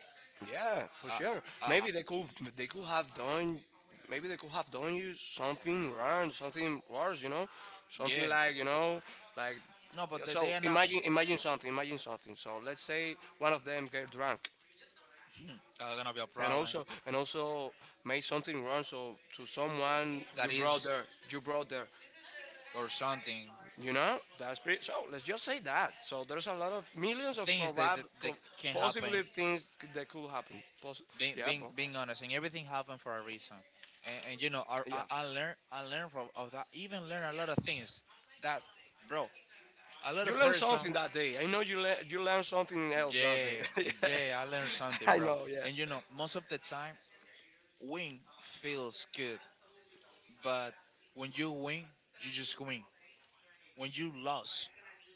[SPEAKER 1] yeah, for
[SPEAKER 2] uh,
[SPEAKER 1] sure. Maybe they could, they could have done, maybe they could have done you something wrong, something worse, you know?
[SPEAKER 2] yeah,
[SPEAKER 1] Something like, you know, like,
[SPEAKER 2] no, but that,
[SPEAKER 1] so imagine, imagine something, imagine something. So let's say one of them get drunk,
[SPEAKER 2] [clears throat] that's gonna be a
[SPEAKER 1] and
[SPEAKER 2] problem.
[SPEAKER 1] also, and also made something wrong, so to someone you brought there, you brought there,
[SPEAKER 2] Or something
[SPEAKER 1] you know. That's pretty, so let's just say that. So there's a lot of millions of probab-
[SPEAKER 2] they
[SPEAKER 1] po-
[SPEAKER 2] can.
[SPEAKER 1] possibly things that could happen. Poss- yeah bro.
[SPEAKER 2] Being honest and everything happened for a reason. And you know,
[SPEAKER 1] Yeah.
[SPEAKER 2] I learn, I learn from of that, even learn a lot of things that, bro, a lot
[SPEAKER 1] You
[SPEAKER 2] of
[SPEAKER 1] learned something that day. I know you learned, you learned something else that
[SPEAKER 2] yeah,
[SPEAKER 1] day. [laughs]
[SPEAKER 2] yeah, I learned something,
[SPEAKER 1] I
[SPEAKER 2] bro.
[SPEAKER 1] know. Yeah.
[SPEAKER 2] And you know, most of the time win feels good, but when you win, you just win. When you lose,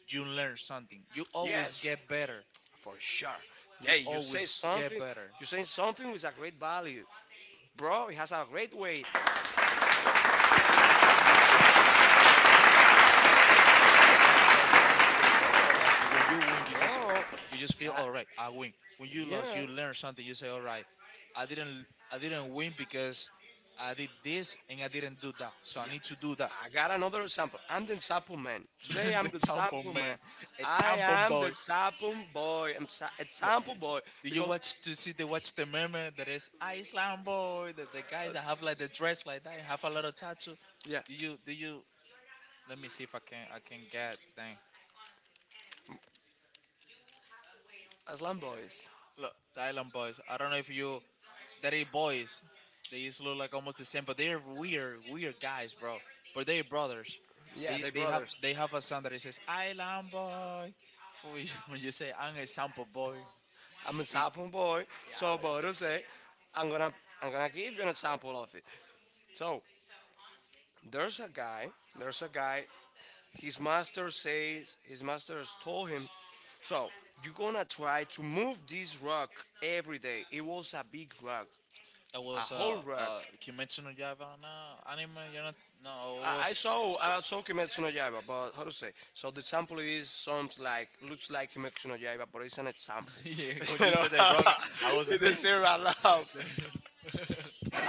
[SPEAKER 2] you learn something. You always
[SPEAKER 1] Yes.
[SPEAKER 2] get better.
[SPEAKER 1] For sure.
[SPEAKER 2] You
[SPEAKER 1] Yeah. You say
[SPEAKER 2] always get
[SPEAKER 1] something.
[SPEAKER 2] better.
[SPEAKER 1] You say something with a great value, bro. It has a great weight,
[SPEAKER 2] [laughs] That's not legal. But that's that's true, bro. That's true. When you win,
[SPEAKER 1] bro. Bro.
[SPEAKER 2] you just feel
[SPEAKER 1] That,
[SPEAKER 2] all right. I win. When you
[SPEAKER 1] yeah,
[SPEAKER 2] lost,
[SPEAKER 1] yeah.
[SPEAKER 2] you learn something. You say, all right, I didn't I didn't win because I did this and I didn't do that. So I need to do that.
[SPEAKER 1] I got another example. I'm the example man. Today
[SPEAKER 2] [laughs]
[SPEAKER 1] I'm
[SPEAKER 2] The
[SPEAKER 1] the
[SPEAKER 2] tampon
[SPEAKER 1] example man.
[SPEAKER 2] man. It,
[SPEAKER 1] I am the example boy. I'm sa- example boy
[SPEAKER 2] do you
[SPEAKER 1] because,
[SPEAKER 2] watch to see the watch the meme that is Iceland boy? The guys that have like the dress like that and have a lot of tattoo.
[SPEAKER 1] yeah,
[SPEAKER 2] Do you do you? Let me see if I can get dang.
[SPEAKER 1] Islam boys.
[SPEAKER 2] Look, the Island Boys. I don't know if you that they boys. They just look like almost the same, but they're weird, weird guys, bro. But they're brothers.
[SPEAKER 1] Yeah,
[SPEAKER 2] They
[SPEAKER 1] they
[SPEAKER 2] they have
[SPEAKER 1] brothers.
[SPEAKER 2] they have a song that it says "Island Boy." For you, [laughs] when you say, "I'm a sample boy,"
[SPEAKER 1] I'm a sample boy, so Bodo say, I'm gonna, I'm gonna give you a sample of it. So there's a guy, there's a guy, his master says, his master has told him, so you're gonna try to move this rock every day. It was a big rock.
[SPEAKER 2] that
[SPEAKER 1] A
[SPEAKER 2] was
[SPEAKER 1] whole rock.
[SPEAKER 2] Kimetsu no Yaiba no anime. You're not
[SPEAKER 1] No.
[SPEAKER 2] no.
[SPEAKER 1] I saw, I saw Kimetsu no Yaiba, but how to say? So the sample is, sounds like, looks like Kimetsu no Yaiba, but it's an example.
[SPEAKER 2] [laughs] Yeah.
[SPEAKER 1] [laughs] you know, [laughs]
[SPEAKER 2] [laughs] I was.
[SPEAKER 1] it
[SPEAKER 2] [laughs]
[SPEAKER 1] is zero I love.
[SPEAKER 2] Uh,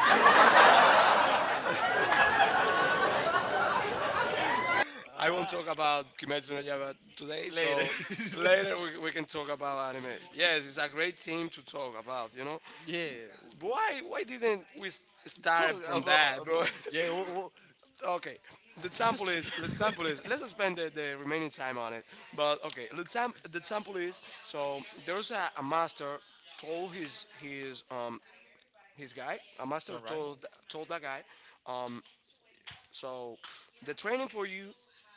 [SPEAKER 1] I won't talk about Kimetsu no Yaiba today, so
[SPEAKER 2] Later.
[SPEAKER 1] [laughs]
[SPEAKER 2] [laughs]
[SPEAKER 1] later we can talk about anime. Yes, it's a great theme to talk about. You know,
[SPEAKER 2] Yeah,
[SPEAKER 1] why didn't we s- start from that, bro?
[SPEAKER 2] yeah.
[SPEAKER 1] [laughs] Okay, the sample is, the sample is, let's spend the remaining time on it. But okay, the, sam- the sample is, so there's a master told his his guy, a master told, told that guy, um so the training for you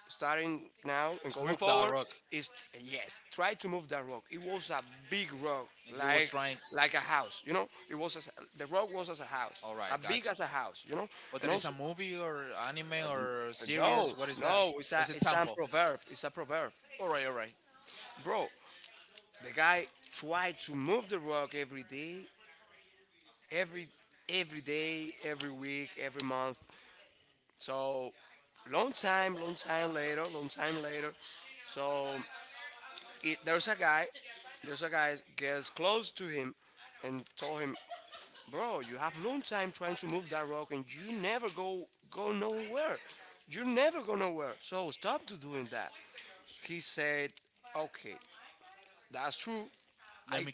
[SPEAKER 1] starting now and
[SPEAKER 2] Just
[SPEAKER 1] going
[SPEAKER 2] move that
[SPEAKER 1] forward
[SPEAKER 2] rock.
[SPEAKER 1] is tr- yes, try to move that rock. It was a big rock,
[SPEAKER 2] And he
[SPEAKER 1] like
[SPEAKER 2] trying.
[SPEAKER 1] like a house, you know. It was as, the rock was as a house,
[SPEAKER 2] All
[SPEAKER 1] as
[SPEAKER 2] right,
[SPEAKER 1] big
[SPEAKER 2] guys.
[SPEAKER 1] as a house, you know.
[SPEAKER 2] But
[SPEAKER 1] And
[SPEAKER 2] there is a
[SPEAKER 1] also
[SPEAKER 2] movie or anime or
[SPEAKER 1] no,
[SPEAKER 2] series. What is that?
[SPEAKER 1] no, it's a,
[SPEAKER 2] It's a
[SPEAKER 1] it's a
[SPEAKER 2] temple.
[SPEAKER 1] proverb. It's a proverb,
[SPEAKER 2] All right, all right.
[SPEAKER 1] bro. The guy tried to move the rock every day, every every day, every week, every month. So long time later, long time later. So it, there's a guy gets close to him and told him, bro, you have long time trying to move that rock and you never go, go nowhere. You never go nowhere. So stop to doing that. He said, "Okay, that's true.
[SPEAKER 2] Let
[SPEAKER 1] I
[SPEAKER 2] me.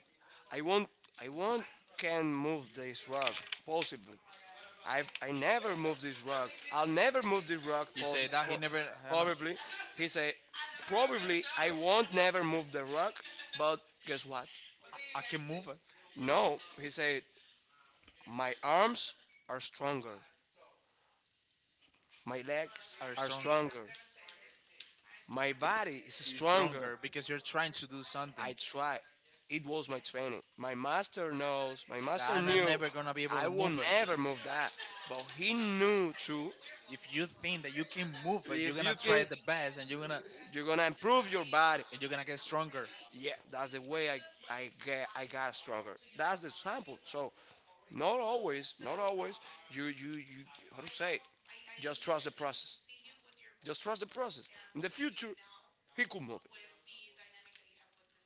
[SPEAKER 1] I won't, I won't can move this rock possibly. I never move this rock. I'll never move this rock
[SPEAKER 2] You say
[SPEAKER 1] pos-
[SPEAKER 2] that he
[SPEAKER 1] po-
[SPEAKER 2] never. Hannah,
[SPEAKER 1] probably." He said, "Probably I won't never move the rock, but guess what?
[SPEAKER 2] I can move it.
[SPEAKER 1] No." He said, "My arms are stronger." My legs
[SPEAKER 2] Are
[SPEAKER 1] are
[SPEAKER 2] strong,
[SPEAKER 1] stronger. My body is
[SPEAKER 2] is
[SPEAKER 1] stronger.
[SPEAKER 2] stronger because you're trying to do something
[SPEAKER 1] I try. It was my training. My master knows. My
[SPEAKER 2] that
[SPEAKER 1] master
[SPEAKER 2] Anna
[SPEAKER 1] knew
[SPEAKER 2] never gonna be able
[SPEAKER 1] I
[SPEAKER 2] to
[SPEAKER 1] will
[SPEAKER 2] move it.
[SPEAKER 1] never move that. But he knew too.
[SPEAKER 2] If you think that you can move it, you're
[SPEAKER 1] If
[SPEAKER 2] gonna
[SPEAKER 1] you
[SPEAKER 2] try
[SPEAKER 1] think,
[SPEAKER 2] the best,
[SPEAKER 1] you're gonna improve your body,
[SPEAKER 2] and you're gonna get stronger.
[SPEAKER 1] yeah, that's the way I get, I got stronger. That's the sample. So not always, not always. You, how to say? Just trust the process. Just trust the process. In the future, he could move it.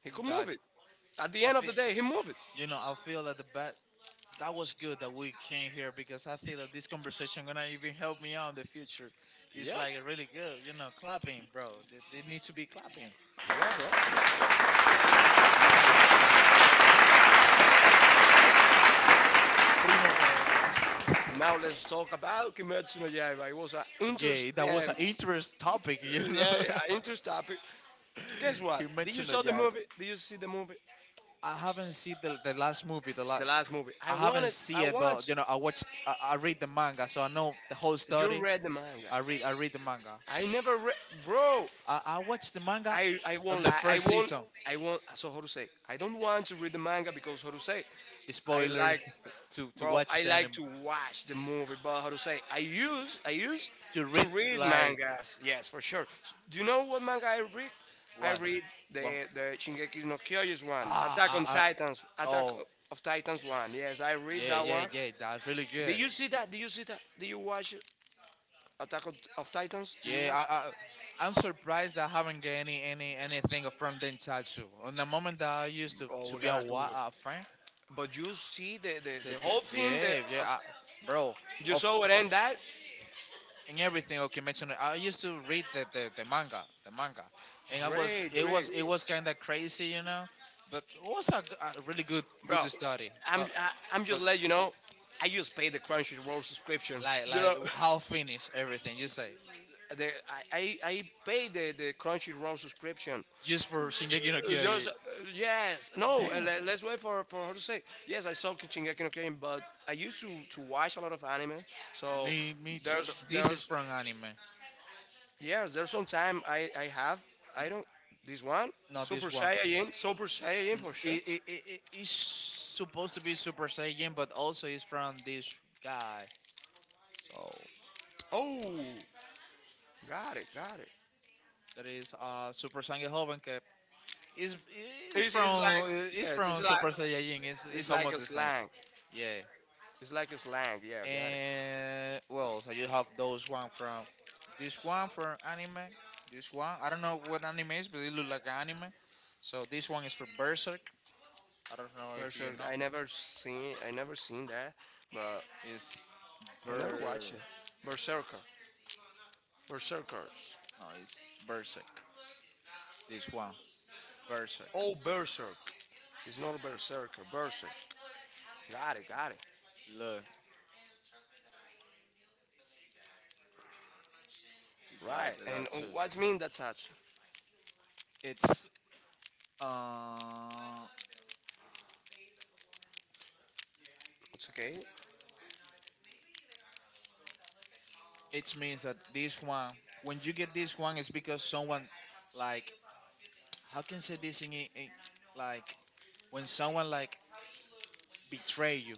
[SPEAKER 1] He
[SPEAKER 2] Mm,
[SPEAKER 1] could move
[SPEAKER 2] gotcha.
[SPEAKER 1] it. At the
[SPEAKER 2] I
[SPEAKER 1] end of
[SPEAKER 2] feel,
[SPEAKER 1] the day, he moved it.
[SPEAKER 2] you know, I feel that the bet that was good that we came here because I think that this conversation gonna even help me out in the future.
[SPEAKER 1] Yeah.
[SPEAKER 2] It's like really good, you know, clapping, bro. They need to be clapping.
[SPEAKER 1] Yeah, bro. Yeah.
[SPEAKER 2] And thanks, and thanks. Eh, ah, Primo Coelho.
[SPEAKER 1] Now let's talk about Kimetsu no Yaiba. It was an
[SPEAKER 2] Yeah, that
[SPEAKER 1] interesting,
[SPEAKER 2] was an interest topic, you know.
[SPEAKER 1] yeah, yeah,
[SPEAKER 2] [laughs]
[SPEAKER 1] interesting topic. Guess what?
[SPEAKER 2] He
[SPEAKER 1] Did you
[SPEAKER 2] mentioned
[SPEAKER 1] saw
[SPEAKER 2] it,
[SPEAKER 1] the
[SPEAKER 2] yeah. But
[SPEAKER 1] movie? Did you see the movie?
[SPEAKER 2] I haven't seen the last movie, the
[SPEAKER 1] The
[SPEAKER 2] last.
[SPEAKER 1] last movie. I
[SPEAKER 2] I haven't
[SPEAKER 1] wanted.
[SPEAKER 2] seen
[SPEAKER 1] I
[SPEAKER 2] it, but
[SPEAKER 1] watched.
[SPEAKER 2] you know, I watched, I read the manga, so I know the whole
[SPEAKER 1] You
[SPEAKER 2] story.
[SPEAKER 1] read the manga.
[SPEAKER 2] I read the manga.
[SPEAKER 1] I never read, bro.
[SPEAKER 2] I watched the manga
[SPEAKER 1] I
[SPEAKER 2] on
[SPEAKER 1] won't
[SPEAKER 2] the
[SPEAKER 1] lie. I
[SPEAKER 2] first
[SPEAKER 1] won't.
[SPEAKER 2] season.
[SPEAKER 1] I won't. So how to say? I don't want to read the manga because how to say? I like,
[SPEAKER 2] Spoilers. [laughs] To
[SPEAKER 1] bro,
[SPEAKER 2] watch
[SPEAKER 1] I
[SPEAKER 2] the
[SPEAKER 1] like
[SPEAKER 2] anime.
[SPEAKER 1] to watch the movie, but how to say? I used
[SPEAKER 2] To
[SPEAKER 1] to
[SPEAKER 2] read.
[SPEAKER 1] read
[SPEAKER 2] Like
[SPEAKER 1] mangas. Yes, for sure. Do you know what manga I read? I
[SPEAKER 2] what?
[SPEAKER 1] read
[SPEAKER 2] What?
[SPEAKER 1] the Shingeki no Kyojin one,
[SPEAKER 2] Ah,
[SPEAKER 1] Attack on
[SPEAKER 2] I, I,
[SPEAKER 1] Titans, Attack
[SPEAKER 2] oh,
[SPEAKER 1] of Titans one. Yes, I read
[SPEAKER 2] yeah,
[SPEAKER 1] that
[SPEAKER 2] yeah,
[SPEAKER 1] one.
[SPEAKER 2] yeah. That's really
[SPEAKER 1] Did
[SPEAKER 2] good.
[SPEAKER 1] you see that? Did you see that? Did you watch Attack of Titans? Did you
[SPEAKER 2] Yeah,
[SPEAKER 1] watch?
[SPEAKER 2] I'm surprised that I haven't got any anything from them tattoo. On the moment that I used
[SPEAKER 1] Oh,
[SPEAKER 2] to
[SPEAKER 1] we
[SPEAKER 2] be a
[SPEAKER 1] gotta do.
[SPEAKER 2] a fan,
[SPEAKER 1] But you see
[SPEAKER 2] the,
[SPEAKER 1] the
[SPEAKER 2] the,
[SPEAKER 1] whole thing. The,
[SPEAKER 2] yeah, yeah, bro,
[SPEAKER 1] you
[SPEAKER 2] of
[SPEAKER 1] saw it and that.
[SPEAKER 2] in everything okay mention it. I used to read the manga, and I was
[SPEAKER 1] Great,
[SPEAKER 2] it
[SPEAKER 1] great.
[SPEAKER 2] was it was kind of crazy, you know, but it was a, a really good
[SPEAKER 1] Bro,
[SPEAKER 2] good story.
[SPEAKER 1] I'm just
[SPEAKER 2] But
[SPEAKER 1] let you know. I just paid the Crunchyroll subscription. You
[SPEAKER 2] like
[SPEAKER 1] know,
[SPEAKER 2] how finish everything you say
[SPEAKER 1] the, I paid the Crunchyroll subscription. Just
[SPEAKER 2] just for Shingeki no Kyojin.
[SPEAKER 1] yes, no. Let, let's wait for her to say. Yes, I saw Shingeki no Kyojin, but I used to watch a lot of anime. So
[SPEAKER 2] Me me too. This is
[SPEAKER 1] there's
[SPEAKER 2] from anime.
[SPEAKER 1] yes, there's some time I have. I don't, this one
[SPEAKER 2] No,
[SPEAKER 1] Super
[SPEAKER 2] this
[SPEAKER 1] Saiyan, Super Saiyan for sure.
[SPEAKER 2] it's supposed to be Super Saiyan, but also it's from this guy. So
[SPEAKER 1] Oh, got it, got it.
[SPEAKER 2] that is Super Saiyan Hoven Cup. It's it's
[SPEAKER 1] It's like,
[SPEAKER 2] from it's
[SPEAKER 1] yes, it's
[SPEAKER 2] from
[SPEAKER 1] like,
[SPEAKER 2] Super Saiyan.
[SPEAKER 1] it's
[SPEAKER 2] It's
[SPEAKER 1] like
[SPEAKER 2] almost
[SPEAKER 1] a
[SPEAKER 2] the same.
[SPEAKER 1] slang.
[SPEAKER 2] Yeah.
[SPEAKER 1] It's like a slang. Yeah, I got it.
[SPEAKER 2] And well, so you have those one from this one for anime. This one I don't know what anime is, but it looks like anime. So this one is for Berserk. I don't know if you
[SPEAKER 1] Berserk.
[SPEAKER 2] know.
[SPEAKER 1] I never seen. I never seen that, but
[SPEAKER 2] It's
[SPEAKER 1] I never
[SPEAKER 2] Ber.
[SPEAKER 1] watched it. Berserker. Berserkers.
[SPEAKER 2] No, it's Berserk. This one. Berserk.
[SPEAKER 1] Oh, berserk. It's not a berserker. Berserk. Got it. Got it.
[SPEAKER 2] Look, it's
[SPEAKER 1] Right.
[SPEAKER 2] like
[SPEAKER 1] And
[SPEAKER 2] that too.
[SPEAKER 1] what's mean that touch?
[SPEAKER 2] It's uh,
[SPEAKER 1] It's okay.
[SPEAKER 2] it means that this one, when you get this one, it's because someone, like, how can I say this in like when someone like betray you,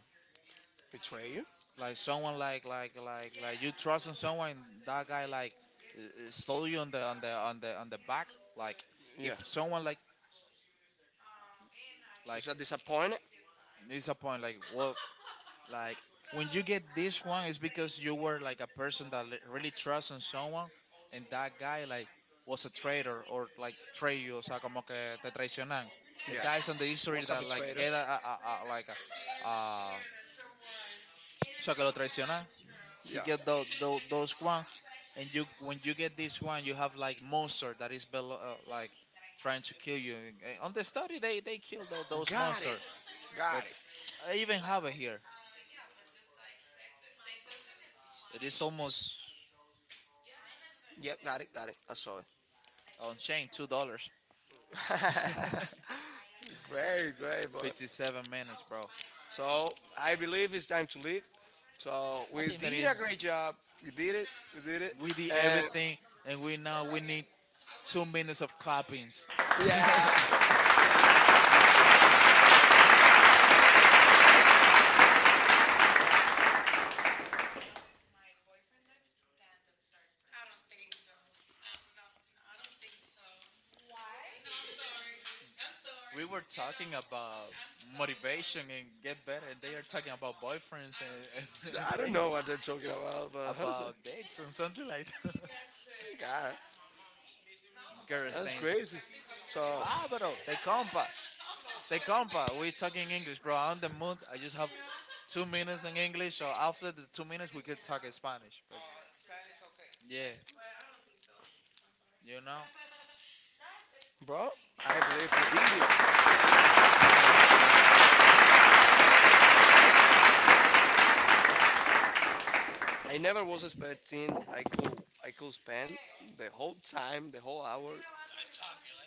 [SPEAKER 1] Betray you.
[SPEAKER 2] like someone like like you trust in someone, and that guy like stole you on the on the back. Like if
[SPEAKER 1] Yeah.
[SPEAKER 2] someone
[SPEAKER 1] Is
[SPEAKER 2] like
[SPEAKER 1] that disappointed?
[SPEAKER 2] disappoint, like well. Like when you get this one, it's because you were like a person that really trusts on someone, and that guy like was a traitor or like betray you, o sea, como que te traicionan. The
[SPEAKER 1] Yeah.
[SPEAKER 2] guys on the history
[SPEAKER 1] What's a
[SPEAKER 2] that
[SPEAKER 1] betrayer?
[SPEAKER 2] like get like a, o sea, que lo traicionan. He
[SPEAKER 1] Yeah.
[SPEAKER 2] get those one, and you when you get this one, you have like monster that is below, like trying to kill you. Eh, on the study, they kill those
[SPEAKER 1] Got it.
[SPEAKER 2] monster, but
[SPEAKER 1] Got it.
[SPEAKER 2] I even have it here. It is almost.
[SPEAKER 1] Yep. Got it. Got it. I saw
[SPEAKER 2] On chain, two [laughs] dollars.
[SPEAKER 1] it. [laughs] Great. Great, boy.
[SPEAKER 2] 57 minutes, bro.
[SPEAKER 1] So I believe it's time to leave. So
[SPEAKER 2] I
[SPEAKER 1] we
[SPEAKER 2] think that
[SPEAKER 1] did a
[SPEAKER 2] is
[SPEAKER 1] great job. We did it. We did it.
[SPEAKER 2] we did
[SPEAKER 1] And
[SPEAKER 2] everything, and we now we need 2 minutes of clappings. [laughs]
[SPEAKER 1] yeah,
[SPEAKER 2] Huh? We were talking about motivation and get better, and they are talking about boyfriends and, [laughs] and
[SPEAKER 1] I don't
[SPEAKER 2] things
[SPEAKER 1] know what they're talking about, but how does
[SPEAKER 2] about
[SPEAKER 1] it?
[SPEAKER 2] dates and something like that.
[SPEAKER 1] God,
[SPEAKER 2] [laughs] Girl
[SPEAKER 1] that's
[SPEAKER 2] things.
[SPEAKER 1] crazy. So,
[SPEAKER 2] Bah, bro, they compa. They compa. We're talking English, bro. I'm on the mood. I just have 2 minutes in English, or after the 2 minutes, we could talk in Spanish. But yeah, you know,
[SPEAKER 1] bro, I believe we did it.
[SPEAKER 2] I think that we did. I'm...
[SPEAKER 1] I never was expecting I could, I could spend the whole time, the whole hour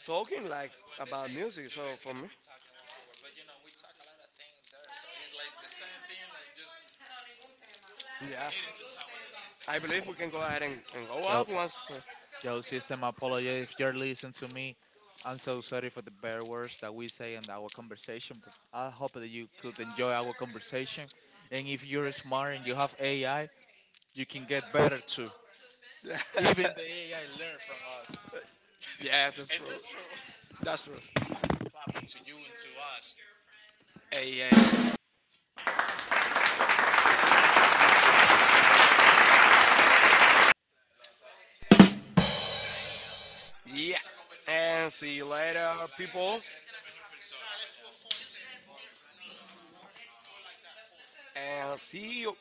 [SPEAKER 1] talking like about music. So for me, yeah, I believe we can go ahead and go
[SPEAKER 2] Yo,
[SPEAKER 1] up once.
[SPEAKER 2] yo, system, apology if you're listening to me. I'm so sorry for the bad words that we say in our conversation, but I hope that you could enjoy our conversation. And if you're smart and you have AI, you can get better too.
[SPEAKER 1] [laughs]
[SPEAKER 2] Even the AI learn from us,
[SPEAKER 1] yeah, that's
[SPEAKER 2] and
[SPEAKER 1] true.
[SPEAKER 2] that's true.
[SPEAKER 1] That's true.
[SPEAKER 2] [laughs] Clapping to you and to us.
[SPEAKER 1] Hey, hey, hey. Yeah. And see you later, people. And see you.